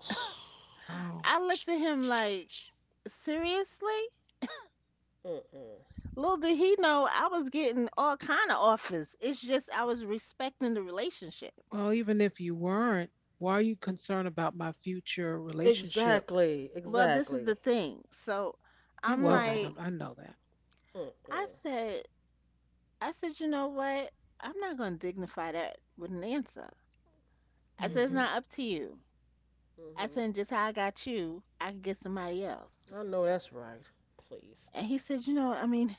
Speaker 2: [sighs]
Speaker 1: Oh.
Speaker 3: I looked at him like, seriously?
Speaker 2: Mm-mm.
Speaker 3: Little did he know I was getting all kind of offers. It's just I was respecting the relationship.
Speaker 1: Well, even if you weren't, why are you concerned about my future relationship?
Speaker 2: Exactly.
Speaker 3: Well, this is the
Speaker 2: Exactly.
Speaker 3: thing. So
Speaker 1: He
Speaker 3: I'm
Speaker 2: Oh.
Speaker 1: wasn't. I,
Speaker 3: like,
Speaker 1: I know that.
Speaker 3: I
Speaker 2: Mm-mm.
Speaker 3: said, I said, you know what? I'm not gonna dignify that with an answer. I said, it's
Speaker 1: Hmm.
Speaker 2: Mhm.
Speaker 3: not up to you. I
Speaker 2: hmm
Speaker 3: said, just how I got you, I could get somebody else.
Speaker 2: I know that's right. Please.
Speaker 3: And he said, you know, I mean,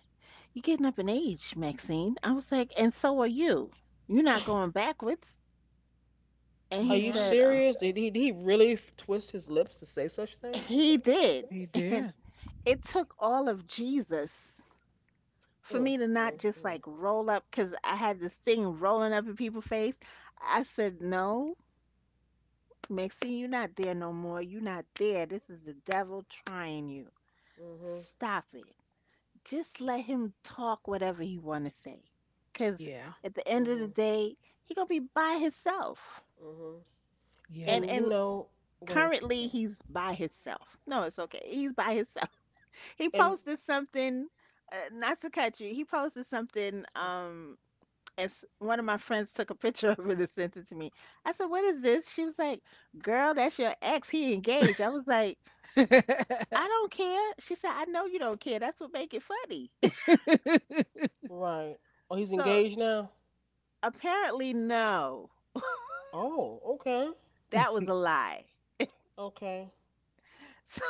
Speaker 3: you're getting up in age, Maxine. I was like, and so are you. You're not going backwards. And
Speaker 1: All
Speaker 2: Are
Speaker 3: he
Speaker 2: you
Speaker 1: right.
Speaker 3: said,
Speaker 2: serious? Did he really twist his lips to say such things?
Speaker 3: he did.
Speaker 1: He
Speaker 3: [laughs] And
Speaker 1: did.
Speaker 3: it took all of Jesus for
Speaker 2: Mm,
Speaker 3: me to not
Speaker 2: mm,
Speaker 3: just
Speaker 2: mm.
Speaker 3: like roll up, because I had this thing rolling up in people's face. I said, no, Maxine, you're not there no more. You're not there. This is the devil trying you.
Speaker 2: Mhm,
Speaker 3: Stop it. Just let him talk whatever he want to say because
Speaker 1: Yeah.
Speaker 3: at the end of the
Speaker 2: mhm,
Speaker 3: day he gonna be by himself.
Speaker 2: mhm.
Speaker 1: Yeah.
Speaker 3: And
Speaker 2: And go ahead.
Speaker 3: currently
Speaker 2: Sorry.
Speaker 3: he's by himself. No, it's okay, he's by himself. [laughs] He
Speaker 2: And
Speaker 3: posted something, not to cut you, he posted something, as one of my friends took a picture [laughs] of it and sent it to me. I said, what is this? She was like, girl, that's your ex, he engaged. I was like,
Speaker 1: [laughs]
Speaker 3: I don't care. She said, I know you don't care, that's what make it funny. [laughs]
Speaker 2: right. Oh, he's
Speaker 3: So
Speaker 2: engaged now.
Speaker 3: apparently, no. [laughs]
Speaker 2: Oh, okay,
Speaker 3: That was a lie.
Speaker 2: okay.
Speaker 3: So,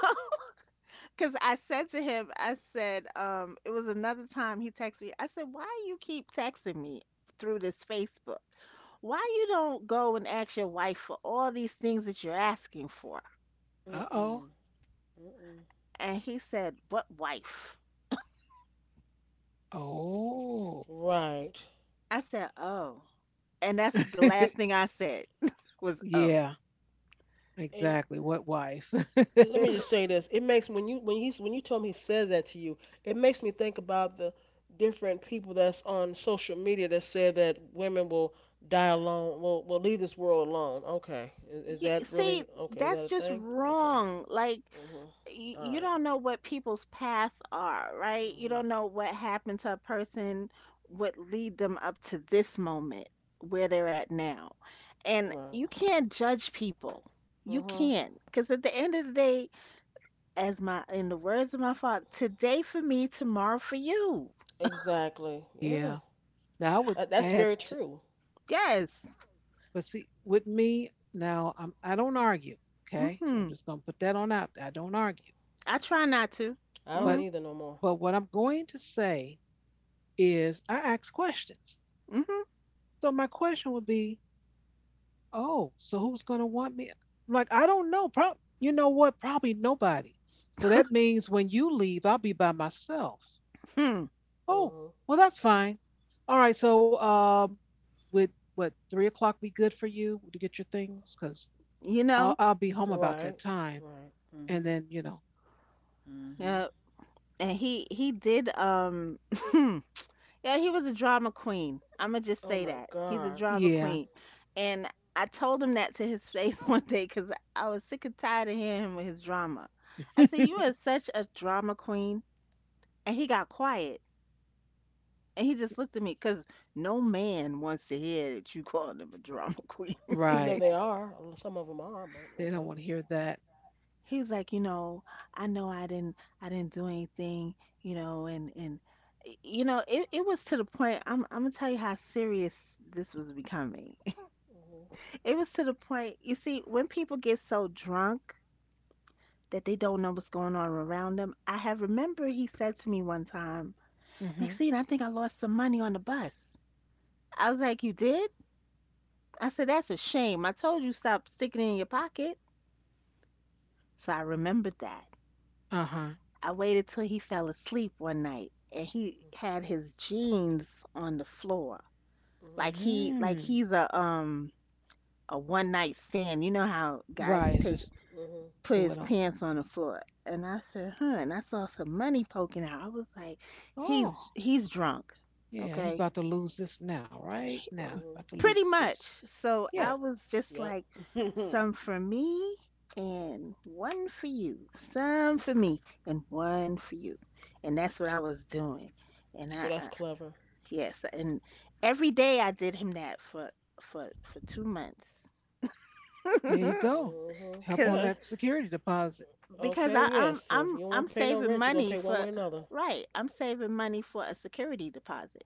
Speaker 3: [laughs] because I said to him, I said, it was another time he texted me. I said, "Why you keep texting me through this Facebook? Why you don't go and ask your wife for all these things that you're asking for?"
Speaker 2: Mm
Speaker 1: uh
Speaker 2: mm,
Speaker 1: oh.
Speaker 2: mm mm.
Speaker 3: And he said, "What wife?"
Speaker 1: Oh.
Speaker 2: Right.
Speaker 3: I said, "Oh." And that's the last thing I said [laughs] was, "Oh."
Speaker 1: Yeah,
Speaker 2: And
Speaker 1: exactly. What wife?
Speaker 2: And let me just say this: it makes when you when you tell him he says that to you, it makes me think about the different people that's on social media that said that women will die alone, will leave this world alone. Okay, is
Speaker 3: y-
Speaker 2: that
Speaker 3: See,
Speaker 2: really okay? Is that
Speaker 3: that's
Speaker 2: a
Speaker 3: just
Speaker 2: thing? Okay.
Speaker 3: wrong. Like,
Speaker 2: Mhm. All
Speaker 3: you
Speaker 2: right.
Speaker 3: don't know what people's paths are, right? You
Speaker 2: Mhm.
Speaker 3: don't know what happened to a person would lead them up to this moment where they're at now. And you
Speaker 2: Right.
Speaker 3: can't judge people. You
Speaker 2: Mhm.
Speaker 3: can't. Because at the end of the day, as my, in the words of my father, today for me, tomorrow for you.
Speaker 2: Exactly.
Speaker 1: [laughs]
Speaker 2: Yeah.
Speaker 1: yeah. Now I would
Speaker 2: That's very
Speaker 1: add, to,
Speaker 2: true.
Speaker 3: Yes.
Speaker 1: but see, with me now, I don't argue. Okay, so I'm
Speaker 3: Mm-hmm.
Speaker 1: just gonna put that on out. I don't argue.
Speaker 3: I try not to.
Speaker 2: I don't
Speaker 1: But
Speaker 3: Mm-hmm.
Speaker 2: either no more.
Speaker 1: but what I'm going to say is I ask questions.
Speaker 3: Mm-hmm.
Speaker 1: So my question would be, oh, so who's going to want me? I'm like, I don't know. Prob You know what? Probably nobody. So that means when you leave, I'll be by myself.
Speaker 3: Hmm.
Speaker 1: Oh,
Speaker 2: Mhm.
Speaker 1: well, that's fine. All right. So, would what 3 o'clock be good for you to get your things? Because
Speaker 3: You
Speaker 1: I'll
Speaker 3: know?
Speaker 1: I'll be home about
Speaker 2: Right.
Speaker 1: that time.
Speaker 2: Right.
Speaker 1: And then
Speaker 3: Uh, and he did [laughs] yeah, he was a drama queen. I'ma just
Speaker 2: Oh
Speaker 3: say
Speaker 2: my
Speaker 3: that, he's a
Speaker 2: God.
Speaker 3: drama
Speaker 2: Yeah.
Speaker 1: yeah,
Speaker 3: queen. And I told him that to his face [laughs] one day, because I was sick and tired of hearing him with his drama. I said, "You
Speaker 1: [laughs]
Speaker 3: are such a drama queen." And he got quiet, and he just looked at me, because no man wants to hear that, you [laughs] calling him a drama [laughs] queen.
Speaker 2: Even though
Speaker 1: right.
Speaker 2: they are, some of them are, but
Speaker 1: They don't
Speaker 2: okay.
Speaker 1: want to hear that.
Speaker 3: He was like, "I know, I didn't do anything, you know, and and it was to the point." I'm gonna tell you how serious this was becoming. [laughs]
Speaker 2: Mhm.
Speaker 3: It was to the point, you see, when people get so drunk that they don't know what's going on around them. I have— remember, he said to me one time,
Speaker 1: Hmm.
Speaker 3: "Maxine, I think I lost some money on the bus." I was like, "You did?" I said, "That's a shame. I told you, stop sticking it in your pocket." So I remembered that.
Speaker 1: Uh huh.
Speaker 3: I waited till he fell asleep one night, and he had his jeans on the floor.
Speaker 2: Mhm.
Speaker 3: Like
Speaker 1: Mm.
Speaker 3: he's a one night stand. You know how guys
Speaker 1: Right.
Speaker 3: take—
Speaker 1: Just
Speaker 2: Mhm.
Speaker 3: put
Speaker 1: throw
Speaker 3: his
Speaker 1: it on.
Speaker 3: pants on the floor. And I said, huh, and I saw some money poking out. I was like,
Speaker 1: Oh,
Speaker 3: he's drunk.
Speaker 1: yeah, he's
Speaker 3: Okay.
Speaker 1: about to lose this now, right now. About to
Speaker 2: Mhm.
Speaker 3: Pretty
Speaker 1: lose
Speaker 3: much.
Speaker 1: this.
Speaker 3: So
Speaker 1: Yeah,
Speaker 3: I
Speaker 2: Yep.
Speaker 3: was just
Speaker 2: Yep.
Speaker 3: like,
Speaker 2: [laughs]
Speaker 3: "Some for me and one for you. Some for me and one for you." And that's what I was doing. And I—
Speaker 2: Oh, that's clever.
Speaker 3: yes, and every day I did him that for 2 months.
Speaker 1: there you
Speaker 3: [laughs]
Speaker 1: go.
Speaker 2: Mhm.
Speaker 1: Help on
Speaker 3: Cause—
Speaker 2: Yeah.
Speaker 1: that security deposit.
Speaker 3: because I,
Speaker 2: Okay. Yeah. So if you don't
Speaker 3: I'm
Speaker 2: want to pay no
Speaker 3: saving
Speaker 2: rent, you're gonna
Speaker 3: money
Speaker 2: pay one
Speaker 3: for—
Speaker 2: way or another.
Speaker 3: right. I'm saving money for a security deposit,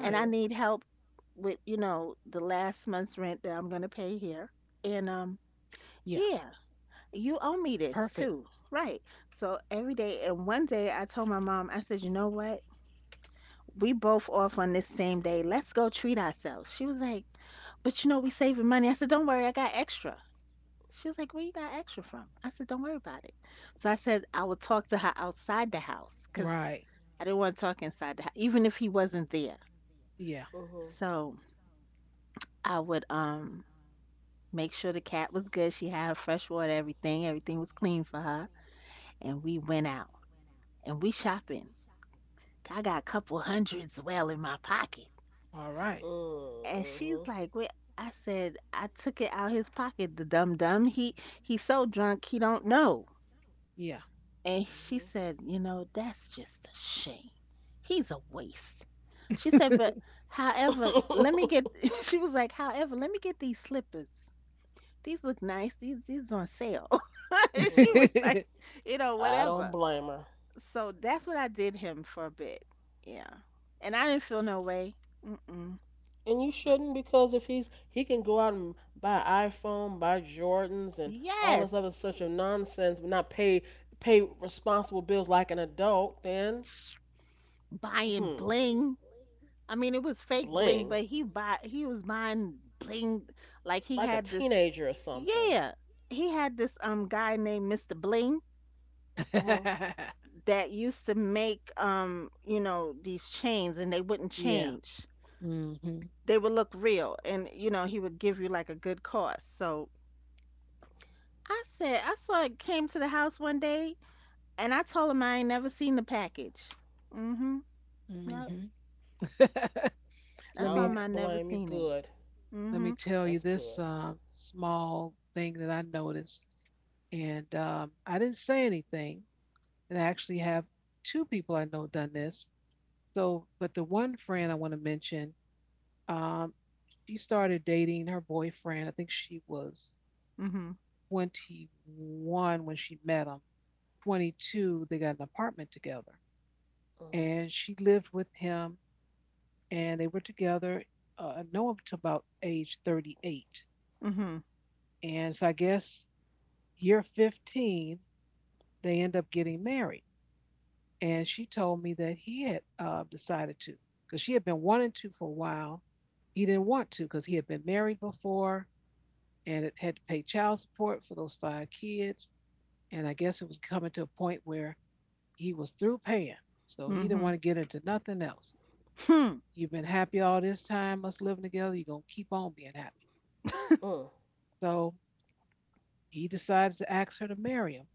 Speaker 3: and I need help with, you know, the last month's rent that I'm gonna pay here. And
Speaker 1: Yeah,
Speaker 3: yeah, you owe me this
Speaker 1: perfect.
Speaker 3: too, right? So every day— and one day I told my mom, I said, "You know what? We both off on this same day. Let's go treat ourselves." She was like, "But you know, we saving money." I said, "Don't worry, I got extra." She was like, "Where you got extra from?" I said, "Don't worry about it." So I said, I would talk to her outside the house, because
Speaker 1: Right.
Speaker 3: I didn't want to talk inside the house, even if he wasn't there.
Speaker 1: Yeah.
Speaker 2: Mhm.
Speaker 3: So I would make sure the cat was good. She had her fresh water, everything. Everything was clean for her. And we went out and we shopping. I got a couple hundreds well in my pocket.
Speaker 1: All
Speaker 2: [laughs]
Speaker 1: right.
Speaker 2: Mm.
Speaker 3: And
Speaker 2: Mhm.
Speaker 3: she's like, "Wait." I said, "I took it out his pocket. The dumb dumb. He's so drunk he don't know."
Speaker 1: Yeah.
Speaker 3: And she said, "You know, that's just a shame. He's a waste." She said,
Speaker 1: [laughs]
Speaker 3: "But however, let me
Speaker 2: Mhm.
Speaker 3: get—" [laughs] She was like, "However, let me get these slippers. These look nice. These on sale." [laughs] And she
Speaker 2: Hmm.
Speaker 3: was like, "You know,
Speaker 2: [laughs] I don't
Speaker 3: whatever."
Speaker 2: blame her.
Speaker 3: So that's what I did him for a bit. Yeah, and I didn't feel no way. Mm-mm.
Speaker 2: And you shouldn't because if he can go out and buy an iPhone, buy Jordans and all this
Speaker 3: Yes.
Speaker 2: other such of nonsense but not pay responsible bills like an adult, then.
Speaker 3: Buying
Speaker 2: Hmm.
Speaker 3: bling. I mean, it was fake bling,
Speaker 2: Bling.
Speaker 3: but he was buying bling. Like he
Speaker 2: Like a
Speaker 3: had this—
Speaker 2: teenager or something.
Speaker 3: yeah, he had this guy named Mister Bling
Speaker 2: Mhm.
Speaker 3: that used to make, you know, these chains, and they wouldn't
Speaker 1: yeah.
Speaker 3: change.
Speaker 1: Mm-hmm.
Speaker 3: They would look real, and you know, he would give you like a good cost. So I said, I saw it came to the house one day, and I told him I ain't never seen the package. Mhm. Yep.
Speaker 1: Mm-hmm. [laughs]
Speaker 3: I
Speaker 1: let
Speaker 2: I
Speaker 3: told
Speaker 1: me
Speaker 2: don't
Speaker 3: him I
Speaker 2: blame
Speaker 3: never
Speaker 2: you.
Speaker 3: seen it.
Speaker 2: Good.
Speaker 1: let me
Speaker 3: Mhm.
Speaker 1: tell
Speaker 2: That's
Speaker 1: you
Speaker 2: good.
Speaker 1: this small thing that I noticed, and I didn't say anything, and I actually have two people I know done this. So, but the one friend I want to mention, um, she started dating her boyfriend. I think she was
Speaker 3: Mhm.
Speaker 1: 21 when she met him. 22, they got an apartment together,
Speaker 2: Mhm.
Speaker 1: and she lived with him, and they were together. I know him to about age 38,
Speaker 3: Mhm.
Speaker 1: and so I guess year 15 they end up getting married. And she told me that he had decided to because she had been wanting to for a while. He didn't want to because he had been married before and it had to pay child support for those five kids. And I guess it was coming to a point where he was through paying. So he didn't
Speaker 3: Mhm.
Speaker 1: want to get into nothing else.
Speaker 3: Hmm.
Speaker 1: You've been happy all this time, us living together. You're going to keep on being happy.
Speaker 3: [laughs]
Speaker 2: Mm.
Speaker 1: So he decided to ask her to marry him.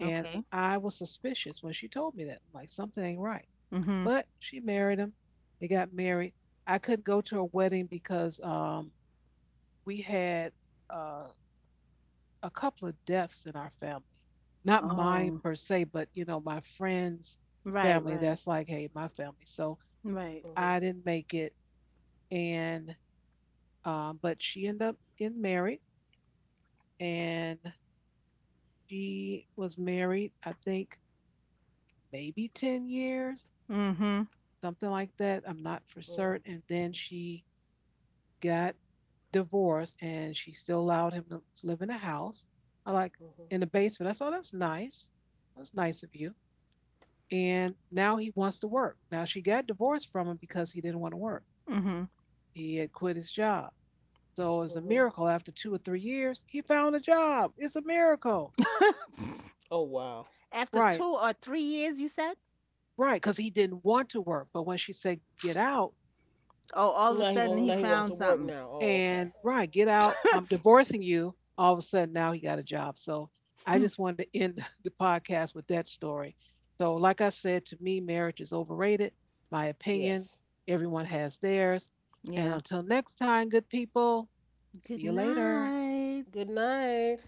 Speaker 1: And
Speaker 3: Okay.
Speaker 1: I was suspicious when she told me that. I'm like, something ain't right.
Speaker 3: Mhm.
Speaker 1: But she married him. They got married. I couldn't go to her wedding because we had uh, a couple of deaths in our family. Not mine
Speaker 3: Oh.
Speaker 1: per se, but my friend's
Speaker 3: Right,
Speaker 1: family.
Speaker 3: right.
Speaker 1: That's like, hey, my family. So
Speaker 3: Right.
Speaker 2: Mhm.
Speaker 1: I didn't make it. And but she ended up getting married, and she was married. I think maybe 10 years,
Speaker 3: Mhm.
Speaker 1: something like that. I'm not for
Speaker 2: Mhm.
Speaker 1: certain. And then she got divorced and she still allowed him to live in the house. I like
Speaker 2: Mhm.
Speaker 1: in the basement. I saw that's nice. That's nice of you. And now he wants to work. Now she got divorced from him because he didn't want to work.
Speaker 3: Mhm.
Speaker 1: He had quit his job. So it's a
Speaker 2: Mhm.
Speaker 1: miracle. After 2 or 3 years, he found a job. It's a miracle.
Speaker 3: [laughs]
Speaker 2: Oh wow.
Speaker 3: After
Speaker 1: Right,
Speaker 3: 2 or 3 years, you said?
Speaker 1: right. Because he didn't want to work. But when she said get out,
Speaker 3: Oh, all of a sudden he
Speaker 2: Now he wants to
Speaker 3: found
Speaker 2: work
Speaker 3: something.
Speaker 2: now. Oh
Speaker 1: and
Speaker 2: okay.
Speaker 1: right, get out. I'm
Speaker 3: [laughs]
Speaker 1: divorcing you. All of a sudden, now he got a job. So I just wanted to end [laughs] the podcast with that story. So, like I said, to me, marriage is overrated. My opinion,
Speaker 2: Yes.
Speaker 1: everyone has theirs. And
Speaker 3: Yeah.
Speaker 1: until next time, good people, see
Speaker 3: Good
Speaker 1: you later.
Speaker 3: night.
Speaker 2: Good night.